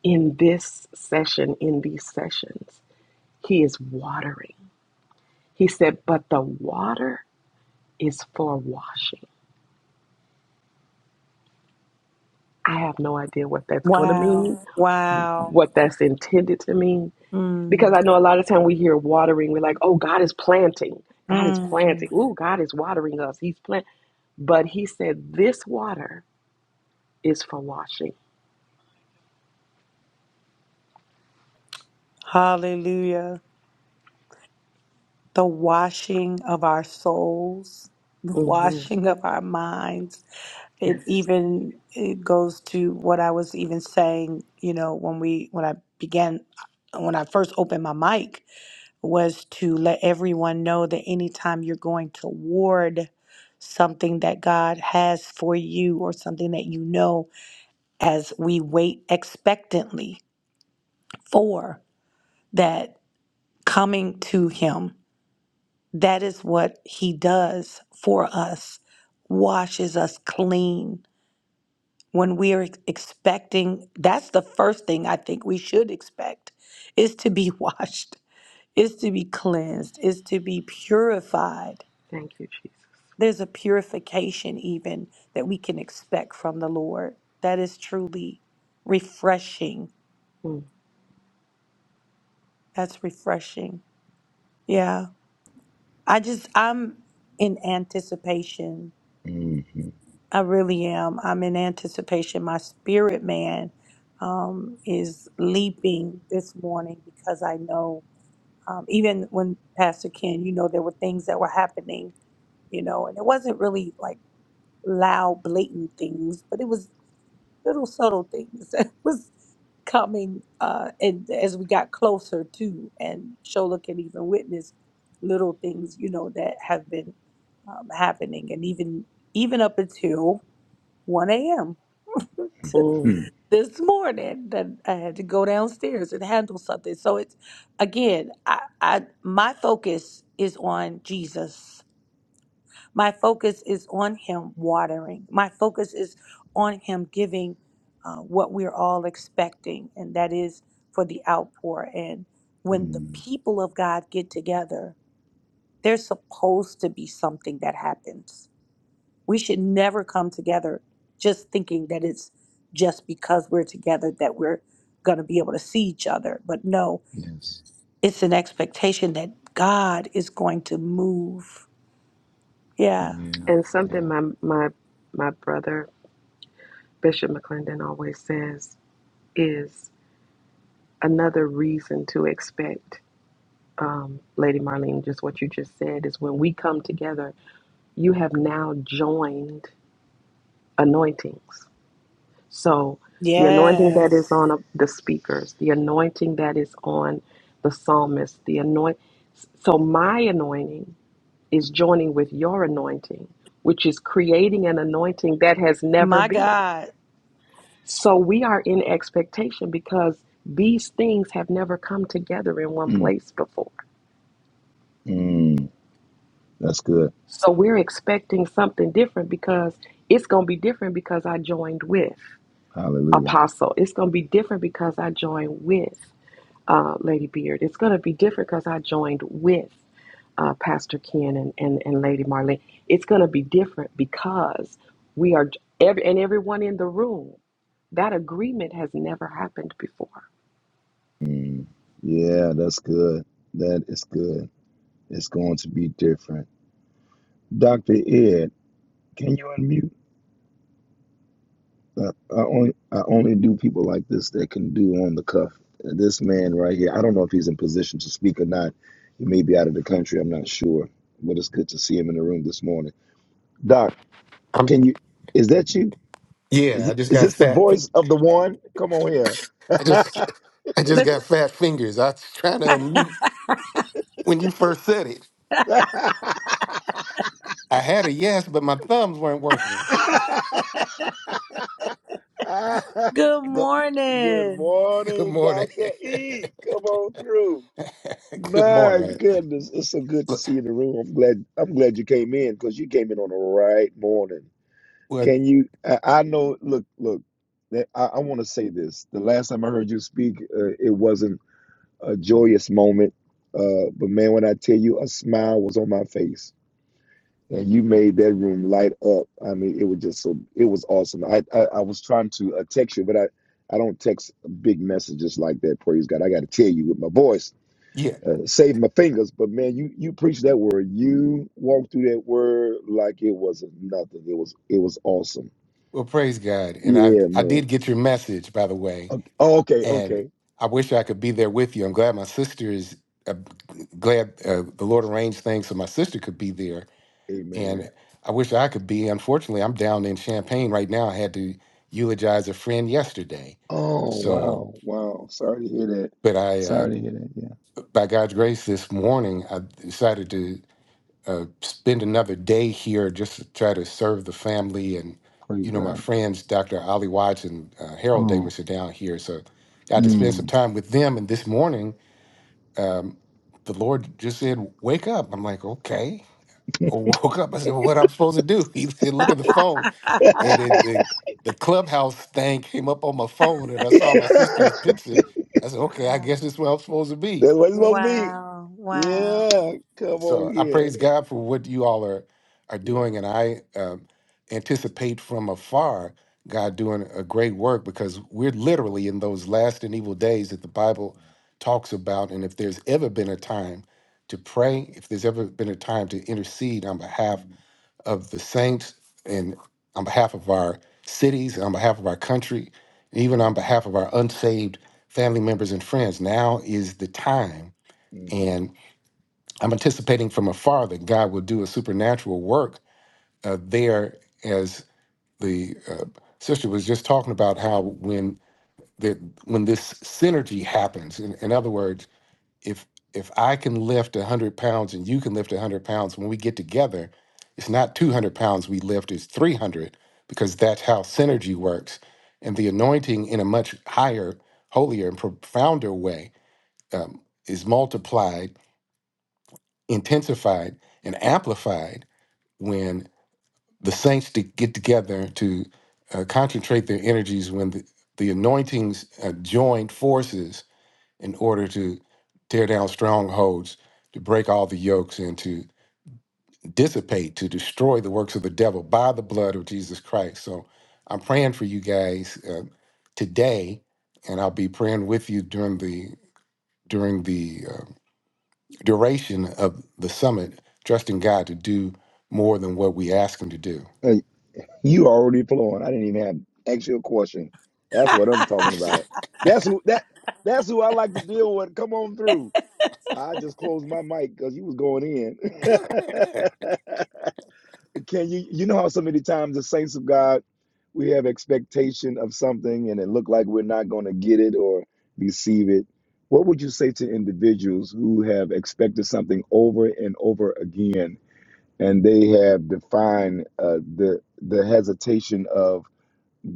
in this session, in these sessions, He is watering." He said, "But the water." is for washing. I have no idea what that's going to mean,
Wow. Wow.
what that's intended to mean, because
Mm.
I know a lot of time we hear watering, we're like, oh, God is planting. God is
Mm.
planting. Ooh, God is watering us. He's planting. But he said, this water is for washing.
Hallelujah. The washing of our souls, the
hmm
washing of our minds. It
Yes.
even it goes to what I was even saying, you know, when we when I began when I first opened my mic was to let everyone know that anytime you're going toward something that God has for you or something that you know as we wait expectantly for that coming to Him, that is what He does for us, washes us clean. When we are expecting, that's the first thing I think we should expect is to be <laughs> washed, is to be cleansed, is to be purified
Thank you, Jesus.
There's a purification, even that we can expect from the Lord. That is truly refreshing.
mm
That's refreshing. Yeah. I just, I'm in anticipation.
Mm-hmm.
I really am. I'm in anticipation. My spirit man um, is leaping this morning because I know, um, even when Pastor Ken, you know, there were things that were happening you know, and it wasn't really like loud, blatant things, but it was little subtle things <laughs> that was coming uh and as we got closer to and shola can even witness little things you know that have been um, happening and even even up until 1 a.m <laughs>
mm.
this morning that i had to go downstairs and handle something so it's again i i my focus is on jesus my focus is on Him watering. My focus is on Him giving uh, what we're all expecting, and that is for the outpour. And when the people of God get together, there's supposed to be something that happens. We should never come together just thinking that it's just because we're together that we're going to be able to see each other. But no,
Yes.
it's an expectation that God is going to move. Yeah.
Yeah.
And something
Yeah.
my, my, my brother, Bishop McClendon, always says is another reason to expect um, Lady Marlene, just what you just said is when we come together, you have now joined anointings. So the anointing
Yes.
that is on uh, the speakers, the anointing that is on the psalmist, the anoint. So my anointing is joining with your anointing, which is creating an anointing that has never
My
been.
God.
So we are in expectation because these things have never come together in one
Mm.
place before.
Mm. That's good.
So we're expecting something different because it's going to be different because I joined with
Hallelujah.
Apostle. It's going to be different because I joined with uh, Lady Beard. It's going to be different because I joined with uh, Pastor Ken and, and, and Lady Marlene. It's going to be different because we are, every, and everyone in the room, that agreement has never happened before.
Mm. Yeah, that's good. That is good. It's going to be different. Dr. Ed, can you unmute? Uh, I only I only do people like this that can do on the cuff. This man right here, I don't know if he's in position to speak or not. He may be out of the country. I'm not sure, but it's good to see him in the room this morning. Doc,
I'm
can you? Is that you?
yeah,
Is
I just
is
got
this the
fat fi-
voice of the one? Come on here.
I
<laughs>
just <laughs> I just got
Listen,
fat fingers. I was trying to unmute when you first said it.
<laughs> Do-
I had a yes, but my thumbs weren't working.
good
Good
morning.
<laughs> Good
morning,
morning.
Dr. E. Come on through.
<laughs> Good
My
morning.
goodness, it's so good to
Look,
see you in the room. I'm glad I'm glad you came in because you came in on the right morning.
Well,
Can you I, I know look look that I, I want to say this. The last time I heard you speak, uh, it wasn't a joyous moment. Uh, but man, when I tell you a smile was on my face and you made that room light up. I mean, it was just so it was awesome. I I, I was trying to uh, text you, but I I don't text big messages like that. Praise God! I got to tell you with my voice,
yeah.
uh, save my fingers. But man, you you preached that word. You walked through that word like it wasn't nothing. It was it was awesome.
Well, praise God. And I
Yeah,
I did
man.
get your message, by the way.
Okay, oh, okay,
And
okay.
I wish I could be there with you. I'm glad my sister is uh, glad uh, the Lord arranged things so my sister could be there And
Amen.
I wish I could be. Unfortunately, I'm down in Champagne right now. I had to eulogize a friend yesterday.
Oh
So,
wow, wow. Sorry to hear that.
but I, uh, by God's grace, this morning I decided to uh, spend another day here just to try to serve the family. And, you know, my friends, Dr. Ollie Watts and uh, Harold Davis are down here. So got to spend some time with them. And this morning, um, the Lord just said, Wake up. I'm like, Okay. I woke up. I said, well, "What I'm supposed to do?" <laughs> He said,
<laughs>
"Look at the phone," and it, the the clubhouse thing came up on my phone, and I saw my sister's
<laughs>
picture. I said, "Okay, I
wow.
guess this is where I'm supposed to be."
That's what it's supposed to be.
Wow. Wow.
Yeah, come
So
on
I
here.
praise God for what you all are are
Yeah.
doing, and I um, anticipate from afar God doing a great work because we're literally in those last and evil days that the Bible talks about. And if there's ever been a time to pray, if there's ever been a time to intercede on behalf of the saints and on behalf of our cities, on behalf of our country, even on behalf of our unsaved family members and friends. Now is the time.
hmm
And I'm anticipating from afar that God will do a supernatural work uh, there as the uh, sister was just talking about how when the, when this synergy happens, in, in other words, if if I can lift a hundred pounds and you can lift a hundred pounds, when we get together, it's not two hundred pounds we lift; it's three hundred because that's how synergy works, and the anointing in a much higher, holier, and profounder way um, is multiplied, intensified, and amplified when the saints to get together to uh, concentrate their energies when the, the anointings uh, join forces in order to tear down strongholds, to break all the yokes, and to dissipate, to destroy the works of the devil by the blood of Jesus Christ. So I'm praying for you guys uh, today, and I'll be praying with you during the during the uh, duration of the summit, trusting God to do more than what we ask Him to do.
You already flowing. I didn't even have to ask you a question. That's
<laughs>
what I'm talking about. That's who that that's who I like to deal with. Come on through. I just closed my mic because you was going in. <laughs> Can you you know how so many times the saints of God we have expectation of something and it look like we're not going to get it or receive it. What would you say to individuals who have expected something over and over again and they have defined uh, the the hesitation of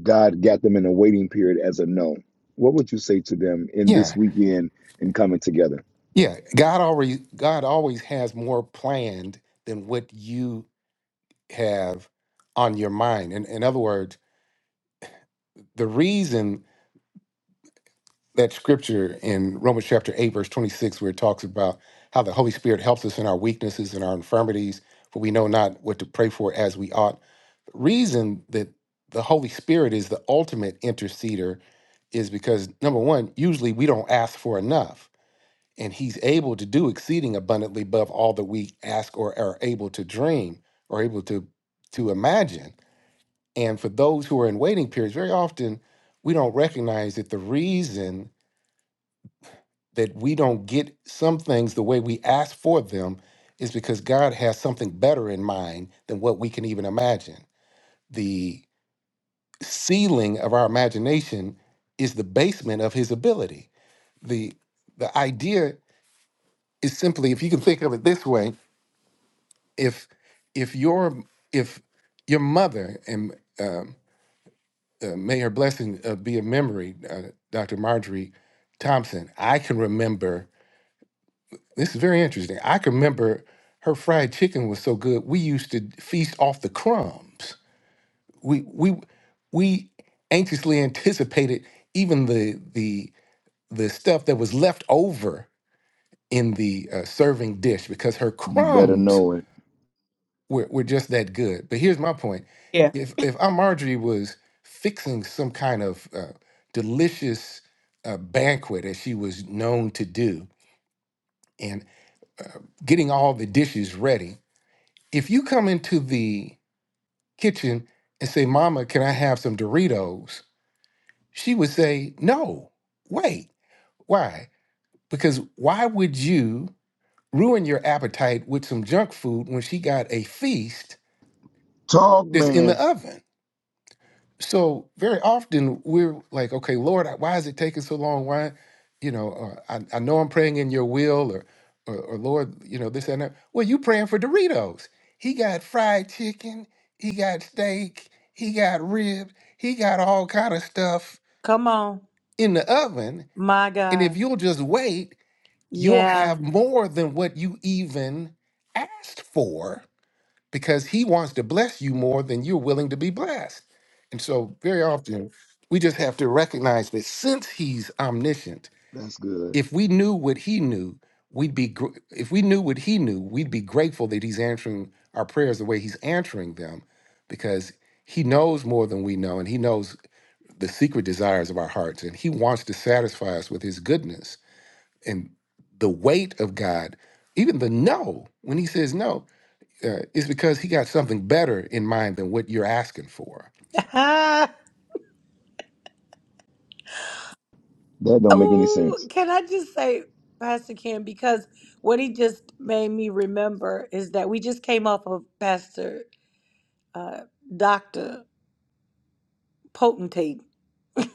God got them in a waiting period as a no. What would you say to them in this
Yeah,
weekend and coming together?
yeah. God already God always has more planned than what you have on your mind. And in in other words the reason that scripture in Romans chapter 8, verse 26, where it talks about how the Holy Spirit helps us in our weaknesses and our infirmities, for we know not what to pray for as we ought. The reason that the Holy Spirit is the ultimate interceder is because, number one, usually we don't ask for enough, and He's able to do exceeding abundantly above all that we ask or are able to dream or able to, to imagine. And for those who are in waiting periods, very often we don't recognize that the reason that we don't get some things the way we ask for them is because God has something better in mind than what we can even imagine. The ceiling of our imagination is the basement of his ability. The the idea is simply if you can think of it this way, if if your if your mother and um, uh, may her blessing uh, be a memory, uh, Dr. Marjorie Thompson. I can remember, this is very interesting. I can remember her fried chicken was so good, we used to feast off the crumbs. We, we, we anxiously anticipated even the, the, the stuff that was left over in the uh, serving dish because her
You better
crumbs
know it.
we're, we're just that good. But here's my point:
Yeah,
if if Aunt Marjorie was fixing some kind of uh, delicious uh, banquet, as she was known to do, and getting all the dishes ready, if you come into the kitchen and say, "Mama, can I have some Doritos?" she would say, "No, wait, why? Because why would you?" Ruin your appetite with some junk food when she got a feast that's in the
Talking,
oven so very often we're like, okay, Lord, why is it taking so long? Why, you know, or, I, I know I'm praying in your will or, or, or Lord, you know, this and that. Well, you praying for Doritos. He got fried chicken. He got steak. He got ribs. He got all kind of stuff
Come on.
in the oven.
My
And if
God.
you'll just wait, you'll
Yeah.
have more than what you even asked for because he wants to bless you more than you're willing to be blessed. And so, very often, we just have to recognize that since he's omniscient,
that's good.
if we knew what he knew, we'd be gr- if we knew what he knew, we'd be grateful that he's answering our prayers the way he's answering them because he knows more than we know and he knows the secret desires of our hearts and he wants to satisfy us with his goodness and the weight of God, even the no, when he says no uh, it's because he got something better in mind than what you're asking for.
<laughs>
That don't make any
oh,
sense.
can I just say, Pastor Kim, because what he just made me remember is that we just came off of Pastor uh, Dr. Potentate.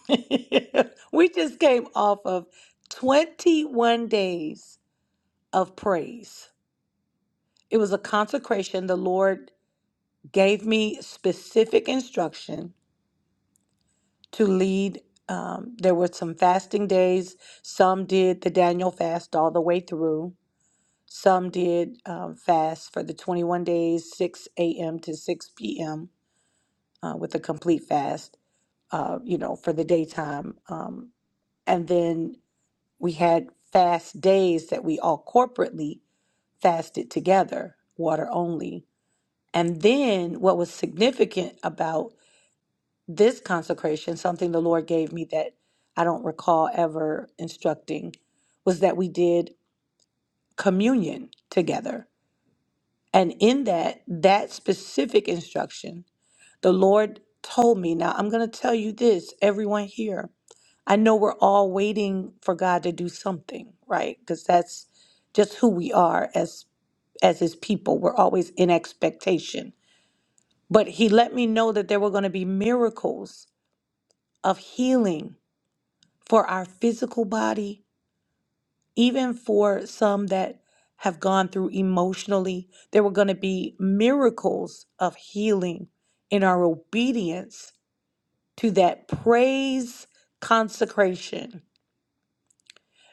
<laughs> we just came off of 21 days of praise. It was a consecration. The Lord gave me specific instruction to lead. Um, there were some fasting days. Some did the Daniel fast all the way through. Some did um, fast for the 21 days, 6 a.m. to 6 p.m. Uh, with a complete fast, uh, you know, for the daytime. Um, and then we had fast days that we all corporately fasted together, water only And then what was significant about this consecration, something the Lord gave me that I don't recall ever instructing, was that we did communion together. And in that, that specific instruction, the Lord told me, now I'm going to tell you this, everyone here. I know we're all waiting for God to do something, right? Because that's just who we are as as his people. We're always in expectation But he let me know that there were going to be miracles of healing for our physical body, even for some that have gone through emotionally. There were going to be miracles of healing in our obedience to that praise consecration,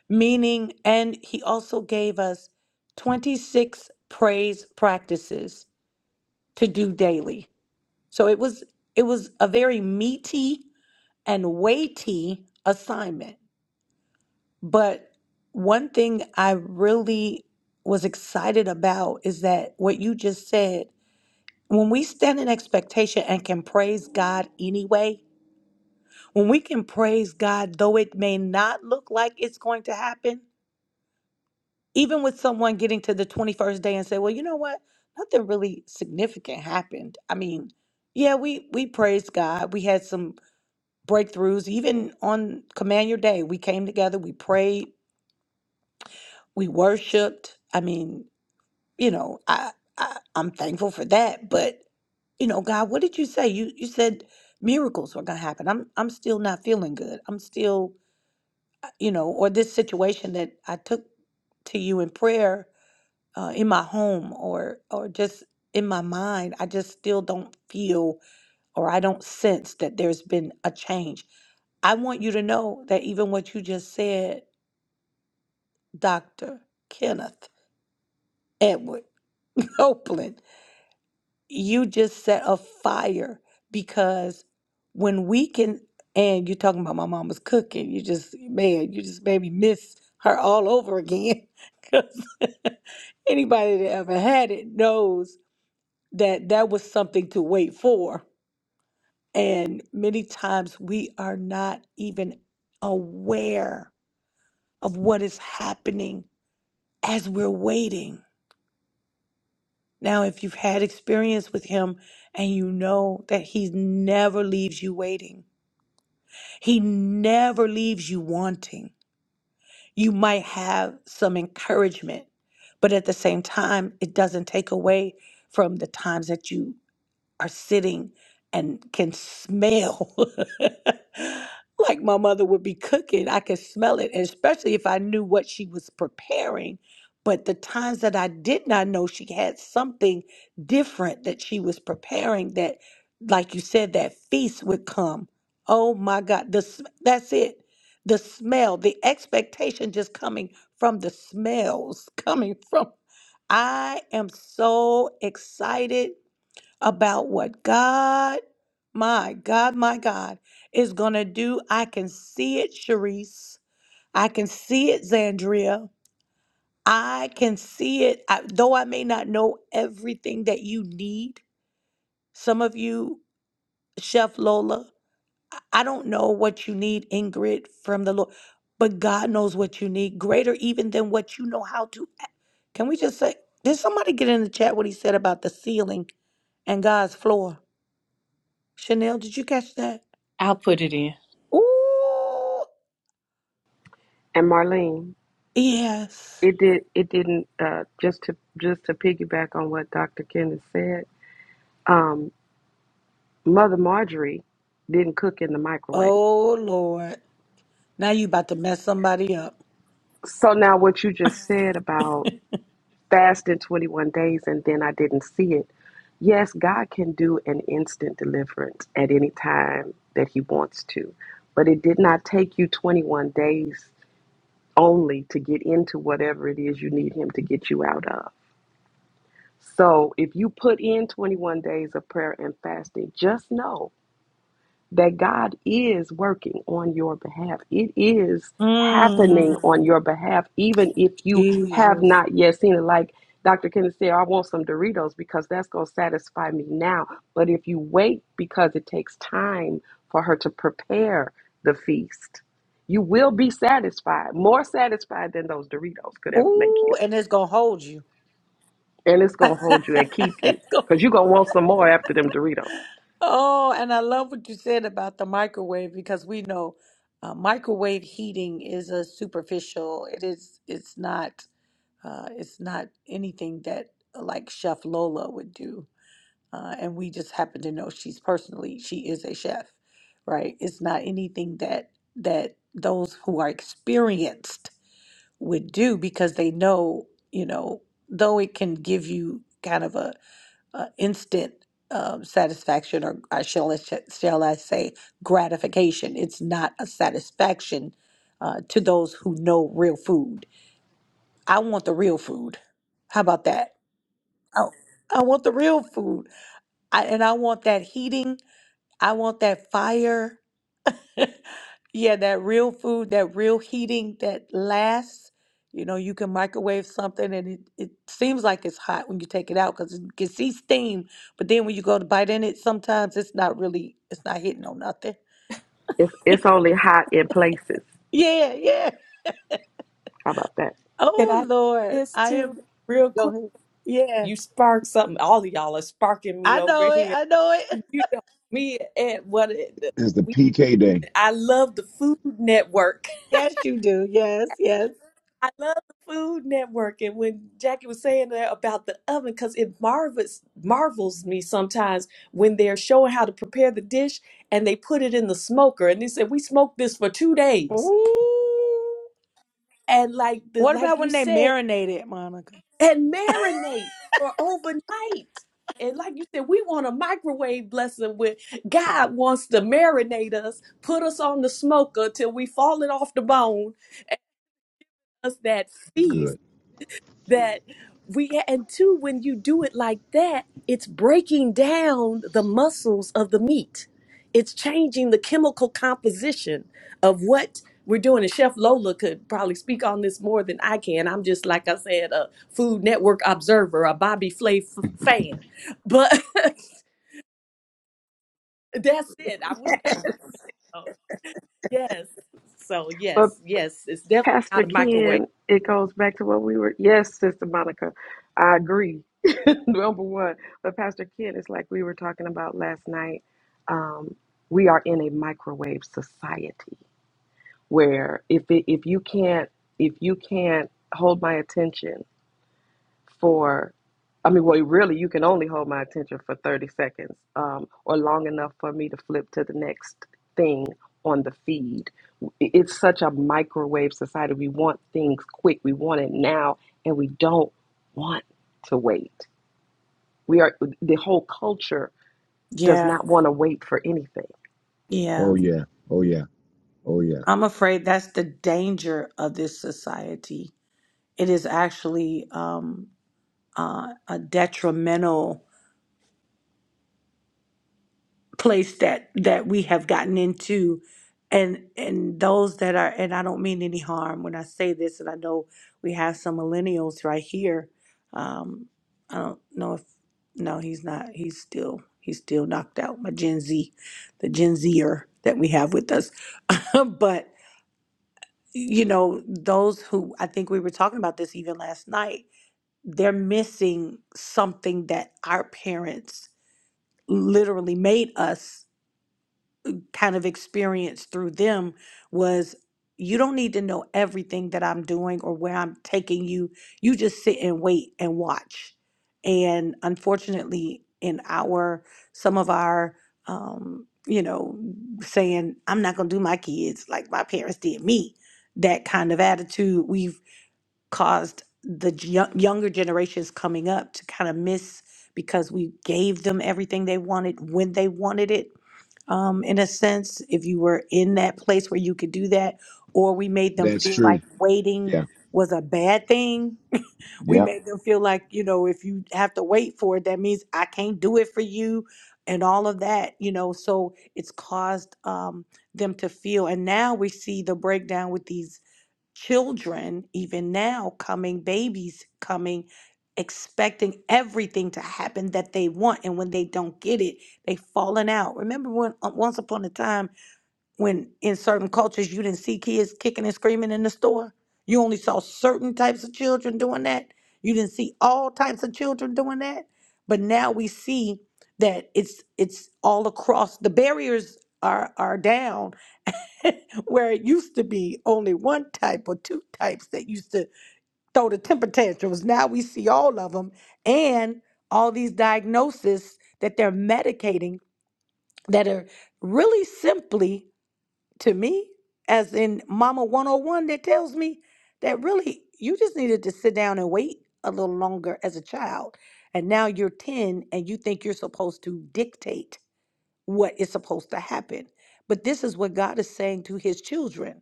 meaning, and he also gave us 26 praise practices to do daily. So it was it was a very meaty and weighty assignment. But one thing I really was excited about is that what you just said, when we stand in expectation and can praise God anyway, when we can praise God, though it may not look like it's going to happen, even with someone getting to the 21st day and say, well, you know what? Nothing really significant happened. I mean, yeah, we, we praised God. We had some breakthroughs, even on Command Your Day. We came together, we prayed, we worshiped. I mean, you know, I, I I'm thankful for that. But you know, God, what did you say? You you said miracles were gonna happen. I'm I'm still not feeling good. I'm still, you know, or this situation that I took to you in prayer uh, in my home or or just in my mind, I just still don't feel or I don't sense that there's been a change. I want you to know that even what you just said, Dr. Kenneth Edward <laughs> Copeland, you just set a fire because when we can and you're talking about my mama's cooking you just man you just made me miss her all over again <laughs> because anybody that ever had it knows that that was something to wait for and many times we are not even aware of what is happening as we're waiting Now, if you've had experience with him and you know that he never leaves you waiting, he never leaves you wanting, you might have some encouragement, but at the same time, it doesn't take away from the times that you are sitting and can smell <laughs> like my mother would be cooking. I could smell it, and especially if I knew what she was preparing. But the times that I did not know she had something different that she was preparing, that, like you said, that feast would come. Oh my God, the, sm- that's it. The smell, the expectation just coming from the smells, <laughs> coming from. I am so excited about what God, my God, my God, is going to do. I can see it, Sharice. I can see it, Zandria. I can see it, I, though I may not know everything that you need. Some of you, Chef Lola, I don't know what you need, Ingrid, from the Lord, but God knows what you need, greater even than what you know how to. a- Can we just say, did somebody get in the chat what he said about the ceiling and God's floor? Chanel, did you catch that?
I'll put it in.
Ooh,
And Marlene,
yes.
it did. It didn't. Uh, just to just to piggyback on what Dr. Kenneth said, Um. Mother Marjorie didn't cook in the microwave.
Oh Lord. Now you about to mess somebody up.
So now what you just said about fasting 21 days and then I didn't see it. Yes, God can do an instant deliverance at any time that he wants to. But it did not take you 21 days only to get into whatever it is you need him to get you out of. So if you put in 21 days of prayer and fasting, just know that God is working on your behalf. It is
Mm.
happening on your behalf, even if you have
Jesus.
not yet seen it. Like Dr. Kenneth said, I want some Doritos because that's going to satisfy me now. But if you wait because it takes time for her to prepare the feast, you will be satisfied, more satisfied than those Doritos could ever make
Ooh,
you.
and it's gonna hold you. <laughs>
And it's going to hold you and keep you
It's gonna-
because you're going to want some more after them Doritos.
oh, and I love what you said about the microwave because we know uh, microwave heating is a superficial. It is. It's not. Uh, it's not anything that uh, like Chef Lola would do uh, and we just happen to know she's personally she is a chef right it's not anything that that those who are experienced would do because they know you know though it can give you kind of a, a instant um, satisfaction or I shall I sh- shall I say gratification it's not a satisfaction uh, to those who know real food I want the real food how about that oh I want the real food I, and I want that heating I want that fire. <laughs> Yeah, that real food, that real heating that lasts. You know, you can microwave something and it, it seems like it's hot when you take it out because you can see steam. But then when you go to bite in it, sometimes it's not really, it's not hitting on nothing.
It's, it's only hot in places.
Yeah, yeah.
How about that?
Can
Oh,
I say
Lord.
this
I
too,
am,
real quick?
go ahead. Yeah,
you spark something. All of y'all are sparking me
I
over
know it.
here.
I know it. <laughs>
You know me at what it,
It's the
we.
PK day.
I love the Food Network.
Yes, you do. Yes, yes.
<laughs> I love the Food Network. And when Jackie was saying that about the oven, because it marvels marvels me sometimes when they're showing how to prepare the dish and they put it in the smoker and they said we smoked this for two days.
Ooh.
And like the
What
like
about
you
when they
said.
marinate it, Monica?
and marinate for overnight. And like you said, we want a microwave blessing with God wants to marinate us, put us on the smoker till we falling off the bone. Us that feast
Good.
that we and two when you do it like that it's breaking down the muscles of the meat it's changing the chemical composition of what we're doing and chef lola could probably speak on this more than i can i'm just like i said a food network observer a bobby flay f- fan but <laughs> that's it i wish oh, yes so
But.
yes yes it's definitely
Pastor
not a microwave
Ken, it goes back to what we were. Yes, Sister Monica, I agree. <laughs> Number one, but Pastor Ken, it's like we were talking about last night. Um, we are in a microwave society where if it, if you can't if you can't hold my attention for I mean, well, really, you can only hold my attention for 30 seconds um, or long enough for me to flip to the next thing on the feed. I- It's such a microwave society. We want things quick, we want it now, and we don't want to wait. We are, the whole culture does
Yeah,
not want to wait for anything.
yeah.
Oh yeah. Oh yeah. Oh yeah.
I'm afraid that's the danger of this society. It is actually um, uh, a detrimental. place that that we have gotten into and and those that are and I don't mean any harm when I say this and I know we have some millennials right here um I don't know if no he's not he's still he's still knocked out my Gen Z the Gen Zer that we have with us <laughs> but you know those who I think we were talking about this even last night they're missing something that our parents literally made us kind of experience through them was you don't need to know everything that I'm doing or where I'm taking you. You just sit and wait and watch. And unfortunately, in our, some of our, um, you know, saying, I'm not going to do my kids like my parents did me, that kind of attitude, we've caused the yo- younger generations coming up to kind of miss because we gave them everything they wanted when they wanted it um, in a sense, if you were in that place where you could do that, or we made them
That's
feel
true.
like waiting
Yeah.
was a bad thing. <laughs> We
Yeah.
made them feel like, you know, if you have to wait for it, that means I can't do it for you and all of that, you know. So it's caused um, them to feel. And now we see the breakdown with these children, even now, coming, babies coming, expecting everything to happen that they want. And when they don't get it, they falling out. Remember when uh, once upon a time when in certain cultures you didn't see kids kicking and screaming in the store? You only saw certain types of children doing that. You didn't see all types of children doing that. But now we see that it's it's all across. The barriers are are down <laughs> where it used to be only one type or two types that used to throw the temper tantrums. Now we see all of them and all these diagnoses that they're medicating that are really simply, to me, as in Mama 101, that tells me that really you just needed to sit down and wait a little longer as a child. And now you're 10 and you think you're supposed to dictate what is supposed to happen. But this is what God is saying to his children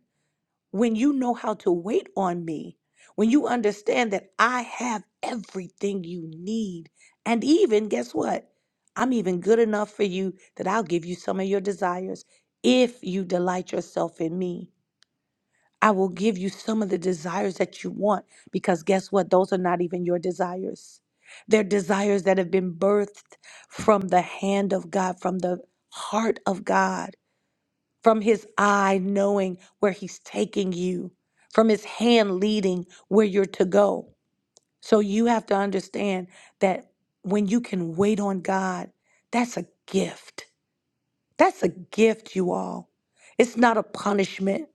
when you know how to wait on me, when you understand that I have everything you need, and even guess what? I'm even good enough for you that I'll give you some of your desires. If you delight yourself in me, I will give you some of the desires that you want because guess what? Those are not even your desires. They're desires that have been birthed from the hand of God, from the heart of God from his eye knowing where he's taking you, from his hand leading where you're to go. So you have to understand that when you can wait on God, that's a gift. That's a gift, you all. It's not a punishment.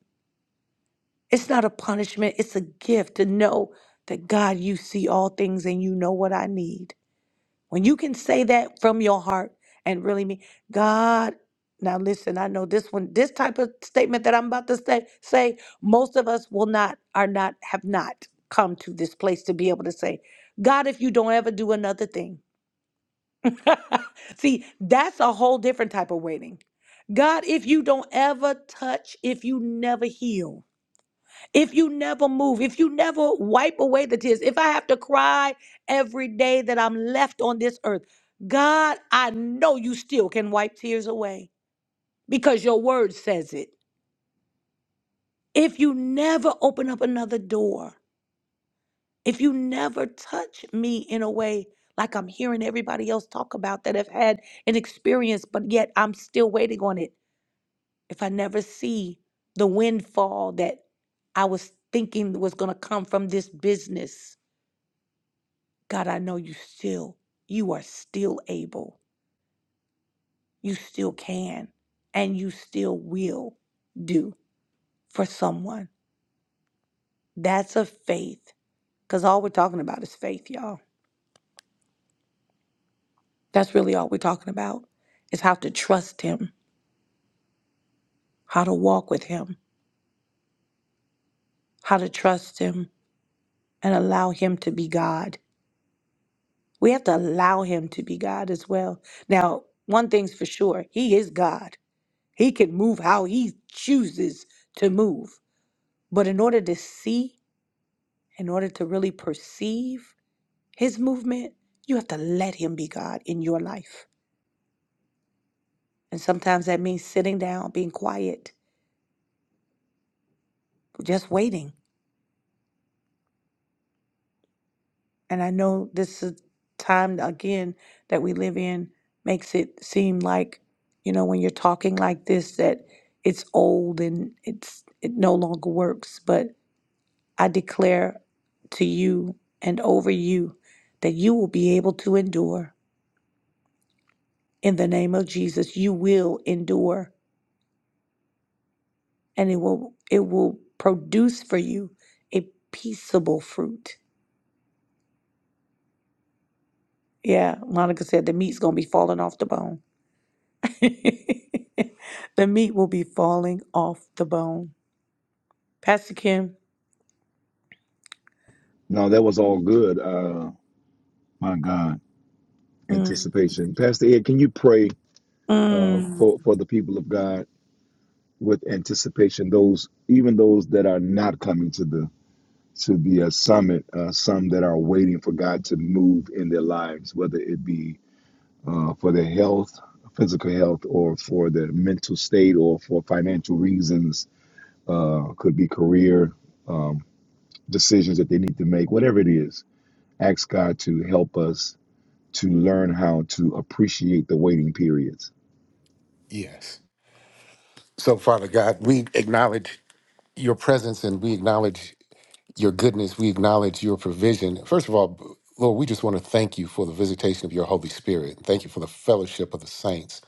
It's not a punishment. It's a gift to know that God, you see all things and you know what I need. When you can say that from your heart and really mean, God, now listen, I know this one, this type of statement that I'm about to say, say, most of us will not, are not, have not come to this place to be able to say, God, if you don't ever do another thing. <laughs> See, that's a whole different type of waiting. God, if you don't ever touch, if you never heal if you never move, if you never wipe away the tears, if I have to cry every day that I'm left on this earth, God, I know you still can wipe tears away because your word says it. If you never open up another door, if you never touch me in a way like I'm hearing everybody else talk about that have had an experience, but yet I'm still waiting on it, if I never see the windfall that I was thinking was going to come from this business God, I know you still, you are still able, you still can, and you still will do for someone. That's a faith. Because all we're talking about is faith, y'all. That's really all we're talking about is how to trust Him, how to walk with Him, how to trust Him and allow Him to be God. We have to allow Him to be God as well. Now, one thing's for sure He is God. He can move how He chooses to move. But in order to see, in order to really perceive his movement, you have to let him be God in your life. And sometimes that means sitting down, being quiet, just waiting. And I know this is time again that we live in makes it seem like, you know, when you're talking like this that it's old and it's it no longer works, but I declare to you and over you that you will be able to endure in the name of Jesus. You will endure and it will it will produce for you a peaceable fruit. Yeah, Monica said the meat's gonna be falling off the bone. <laughs> the meat will be falling off the bone. Pastor Kim.
No, that was all good. Uh my God.
Mm,
Anticipation. Pastor Ed, can you pray uh
mm,
for, for the people of God with anticipation, those even those that are not coming to the to be a summit, uh, some that are waiting for God to move in their lives, whether it be uh, for their health, physical health, or for their mental state, or for financial reasons, uh, could be career um, decisions that they need to make, whatever it is. Ask God to help us to learn how to appreciate the waiting periods.
Yes. So, Father God, we acknowledge your presence and we acknowledge your goodness. We acknowledge your provision. First of all, Lord, we just want to thank you for the visitation of your Holy Spirit. Thank you for the fellowship of the saints.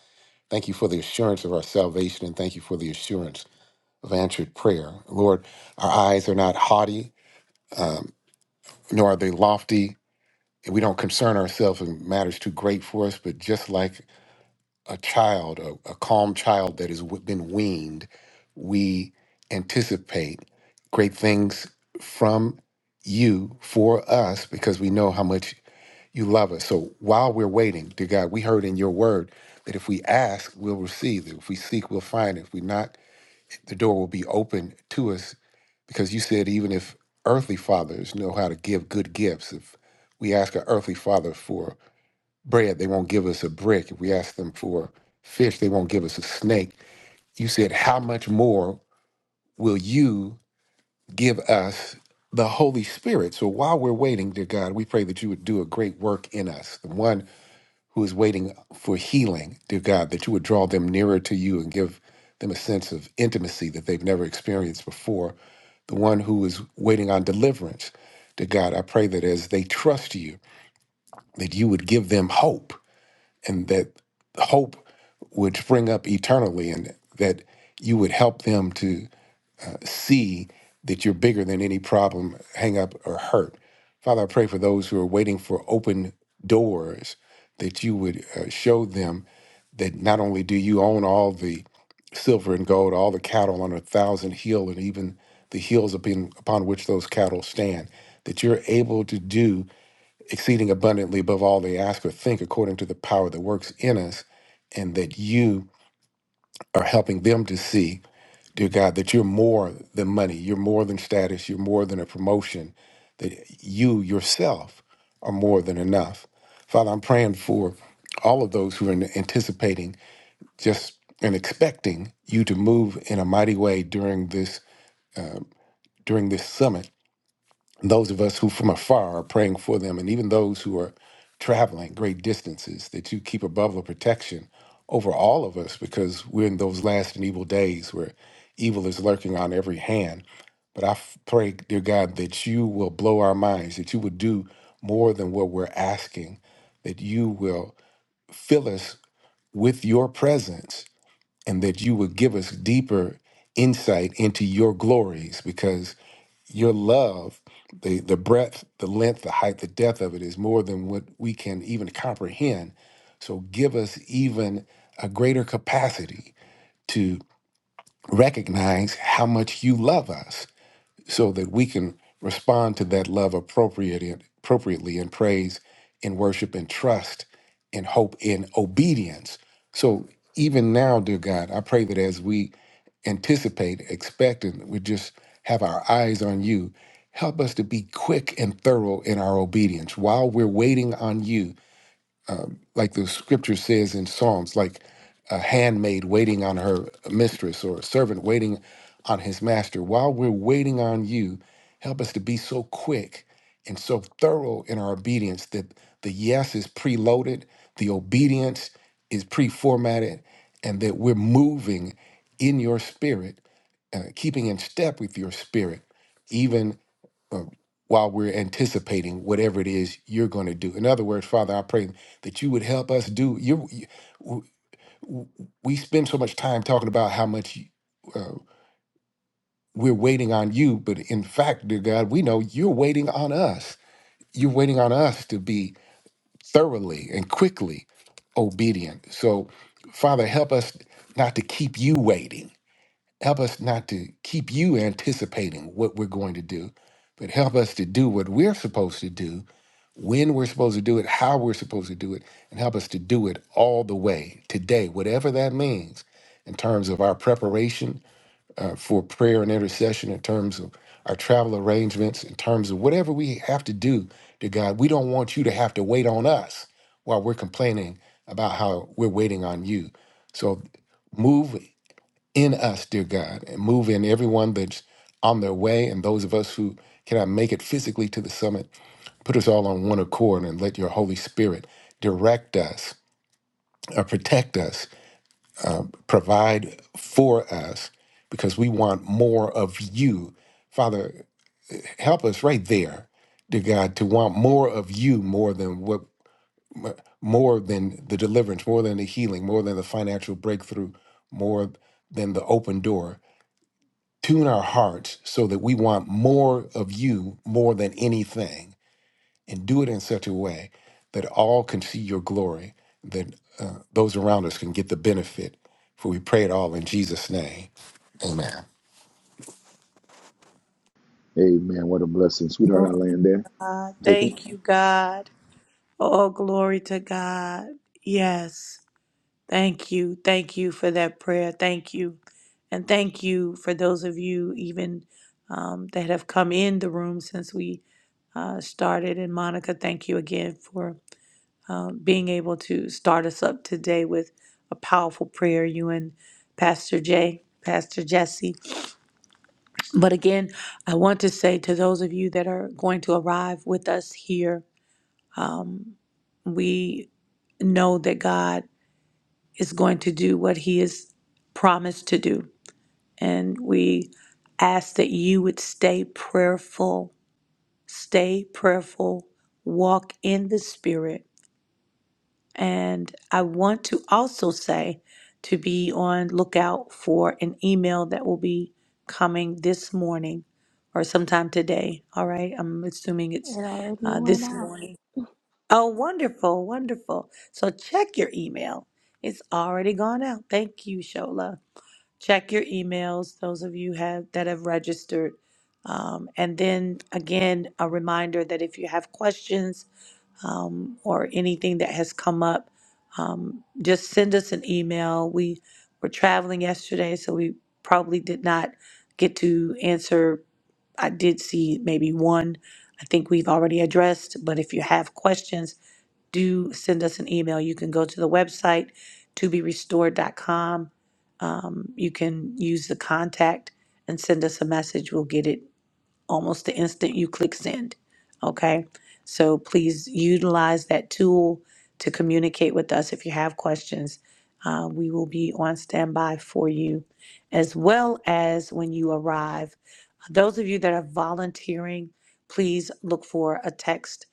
Thank you for the assurance of our salvation and thank you for the assurance of answered prayer. Lord, our eyes are not haughty, nor are they lofty. and We don't concern ourselves in matters too great for us, but just like a child, a, a calm child that has w- been weaned, we anticipate great things from you for us because we know how much you love us. So while we're waiting, dear God, we heard in your word that if we ask, we'll receive. That if we seek, we'll find. If we knock, the door will be open to us because you said even if earthly fathers know how to give good gifts, if we ask our earthly father for bread, they won't give us a brick. If we ask them for fish, they won't give us a snake. You said, How much more will you give us the Holy Spirit? So while we're waiting, dear God, we pray that you would do a great work in us. The one who is waiting for healing, dear God, that you would draw them nearer to you and give them a sense of intimacy that they've never experienced before. The one who is waiting on deliverance, dear God, I pray that as they trust you, that you would give them hope and that hope would spring up eternally and that you would help them to see that you're bigger than any problem, hang up, or hurt. Father, I pray for those who are waiting for open doors that you would uh, show them that not only do you own all the silver and gold, all the cattle on a thousand hill, and even the hills upon, upon which those cattle stand, that you're able to do exceeding abundantly above all they ask or think, according to the power that works in us, and that you are helping them to see, dear God, that you're more than money, you're more than status, you're more than a promotion, that you yourself are more than enough. Father, I'm praying for all of those who are anticipating just and expecting you to move in a mighty way during this during this summit Those of us who from afar are praying for them, and even those who are traveling great distances, that you keep a bubble of protection over all of us because we're in those last and evil days where evil is lurking on every hand. But I f- pray, dear God, that you will blow our minds, that you will do more than what we're asking, that you will fill us with your presence, and that you will give us deeper insight into your glories, because your love, the the breadth, the length, the height, the depth of it is more than what we can even comprehend. So give us even a greater capacity to recognize how much you love us so that we can respond to that love appropriately, appropriately in praise, in worship, in trust, in hope, in obedience. So even now, dear God, I pray that as we anticipate, expect, and we just have our eyes on you, help us to be quick and thorough in our obedience while we're waiting on you like the scripture says in Psalms, like a handmaid waiting on her mistress or a servant waiting on his master. While we're waiting on you, help us to be so quick and so thorough in our obedience that the yes is preloaded, the obedience is pre-formatted, and that we're moving in your spirit, uh, keeping in step with your spirit, even uh, while we're anticipating whatever it is you're going to do. In other words, Father, I pray that you would help us do. You, you w- w- we spend so much time talking about how much uh, we're waiting on you, but in fact, dear God, we know you're waiting on us. You're waiting on us to be thoroughly and quickly obedient. So, Father, help us not to keep you waiting. Help us not to keep you anticipating what we're going to do, but help us to do what we're supposed to do when we're supposed to do it, how we're supposed to do it, and help us to do it all the way today, whatever that means, in terms of our preparation uh, for prayer and intercession, in terms of our travel arrangements, in terms of whatever we have to do to God. We don't want you to have to wait on us while we're complaining about how we're waiting on you. So move in us, dear God, and move in everyone that's on their way and those of us who cannot make it physically to the summit. Put us all on one accord and let your Holy Spirit direct us, uh, protect us, provide for us, because we want more of you. Father, help us right there, dear God, to want more of you more than what more than the deliverance, more than the healing, more than the financial breakthrough, more than the open door Tune our hearts so that we want more of you more than anything, and do it in such a way that all can see your glory, that uh, those around us can get the benefit. For we pray it all in Jesus' name. Amen.
Amen. What a blessing. Sweetheart, I
Lord,
land there. Take it.
thank you, God. All glory to God. Yes. Thank you. Thank you for that prayer. Thank you. And thank you for those of you even um, that have come in the room since we uh, started. And Monica, thank you again for uh, being able to start us up today with a powerful prayer, you and Pastor Jay, Pastor Jesse. But again, I want to say to those of you that are going to arrive with us here, um, we know that God is going to do what He has promised to do. And we ask that you would stay prayerful, stay prayerful, walk in the Spirit And I want to also say to be on lookout for an email that will be coming this morning or sometime today. All right. I'm assuming
It
it's
already
uh,
went
this
out.
morning. Oh, wonderful. Wonderful. So check your email. It's already gone out. Thank you, Shola. Check your emails, those of you have that have registered. Um, and then again, a reminder that if you have questions, um, or anything that has come up, um, just send us an email. We were traveling yesterday, so we probably did not get to answer. I did see maybe one. I think we've already addressed, but if you have questions, do send us an email. You can go to the website, toberestored.com. Um, you can use the contact and send us a message. We'll get it almost the instant you click send. Okay. So please utilize that tool to communicate with us if you have questions. Uh, we will be on standby for you, as well as when you arrive. Those of you that are volunteering, please look for a text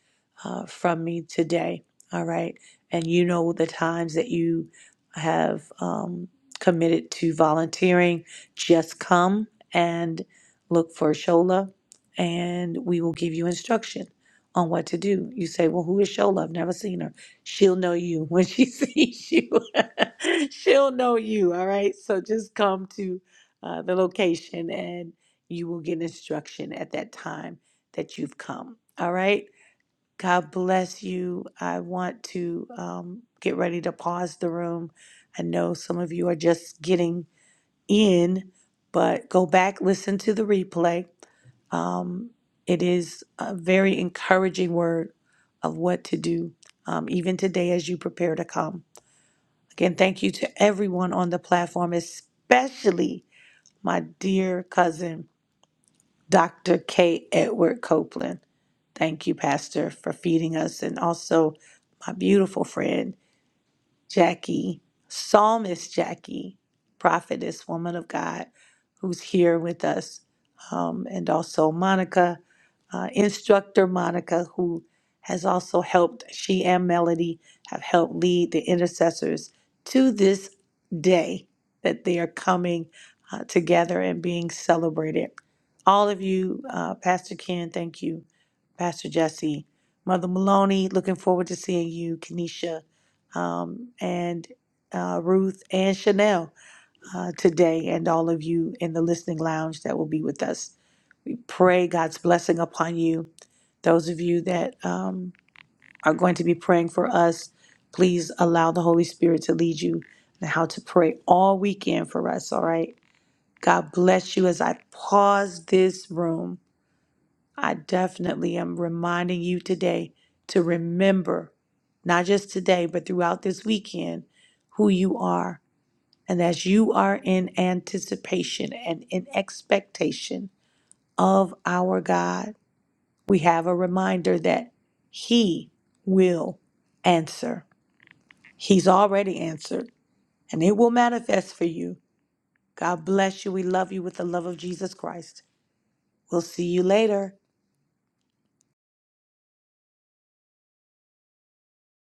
uh, from me today. All right. And you know the times that you have um, committed to volunteering. Just come and look for Shola, and we will give you instruction on what to do. You say, Well, who is Shola? I've never seen her. She'll know you when she <laughs> sees you. <laughs> She'll know you. All right. So just come to uh, the location and you will get instruction at that time that you've come. All right. God bless you. I want to um, get ready to pause the room. I know some of you are just getting in, but go back, listen to the replay. Um, it is a very encouraging word of what to do, um, even today as you prepare to come. Again, thank you to everyone on the platform, especially my dear cousin. Dr. K. Edward Copeland. Thank you, Pastor, for feeding us and also my beautiful friend. Jackie, Psalmist Jackie, prophetess, woman of God, who's here with us, um, and also Monica, uh, instructor Monica, who has also helped, she and Melody have helped lead the intercessors to this day that they are coming uh, together and being celebrated. All of you, uh, Pastor Ken, thank you. Pastor Jesse, Mother Maloney, looking forward to seeing you. Kenesha, um, and uh, Ruth and Chanel uh, today, and all of you in the listening lounge that will be with us. Pray God's blessing upon you. Those of you that um, are going to be praying for us, please allow the Holy Spirit to lead you in how to pray all weekend for us, all right? God bless you as I pause this room. I definitely am reminding you today to remember, not just today, but throughout this weekend, who you are. And that you are in anticipation and in expectation of our God, we have a reminder that He will answer. He's already answered, and it will manifest for you. God bless you. We love you with the love of Jesus Christ. We'll see you later.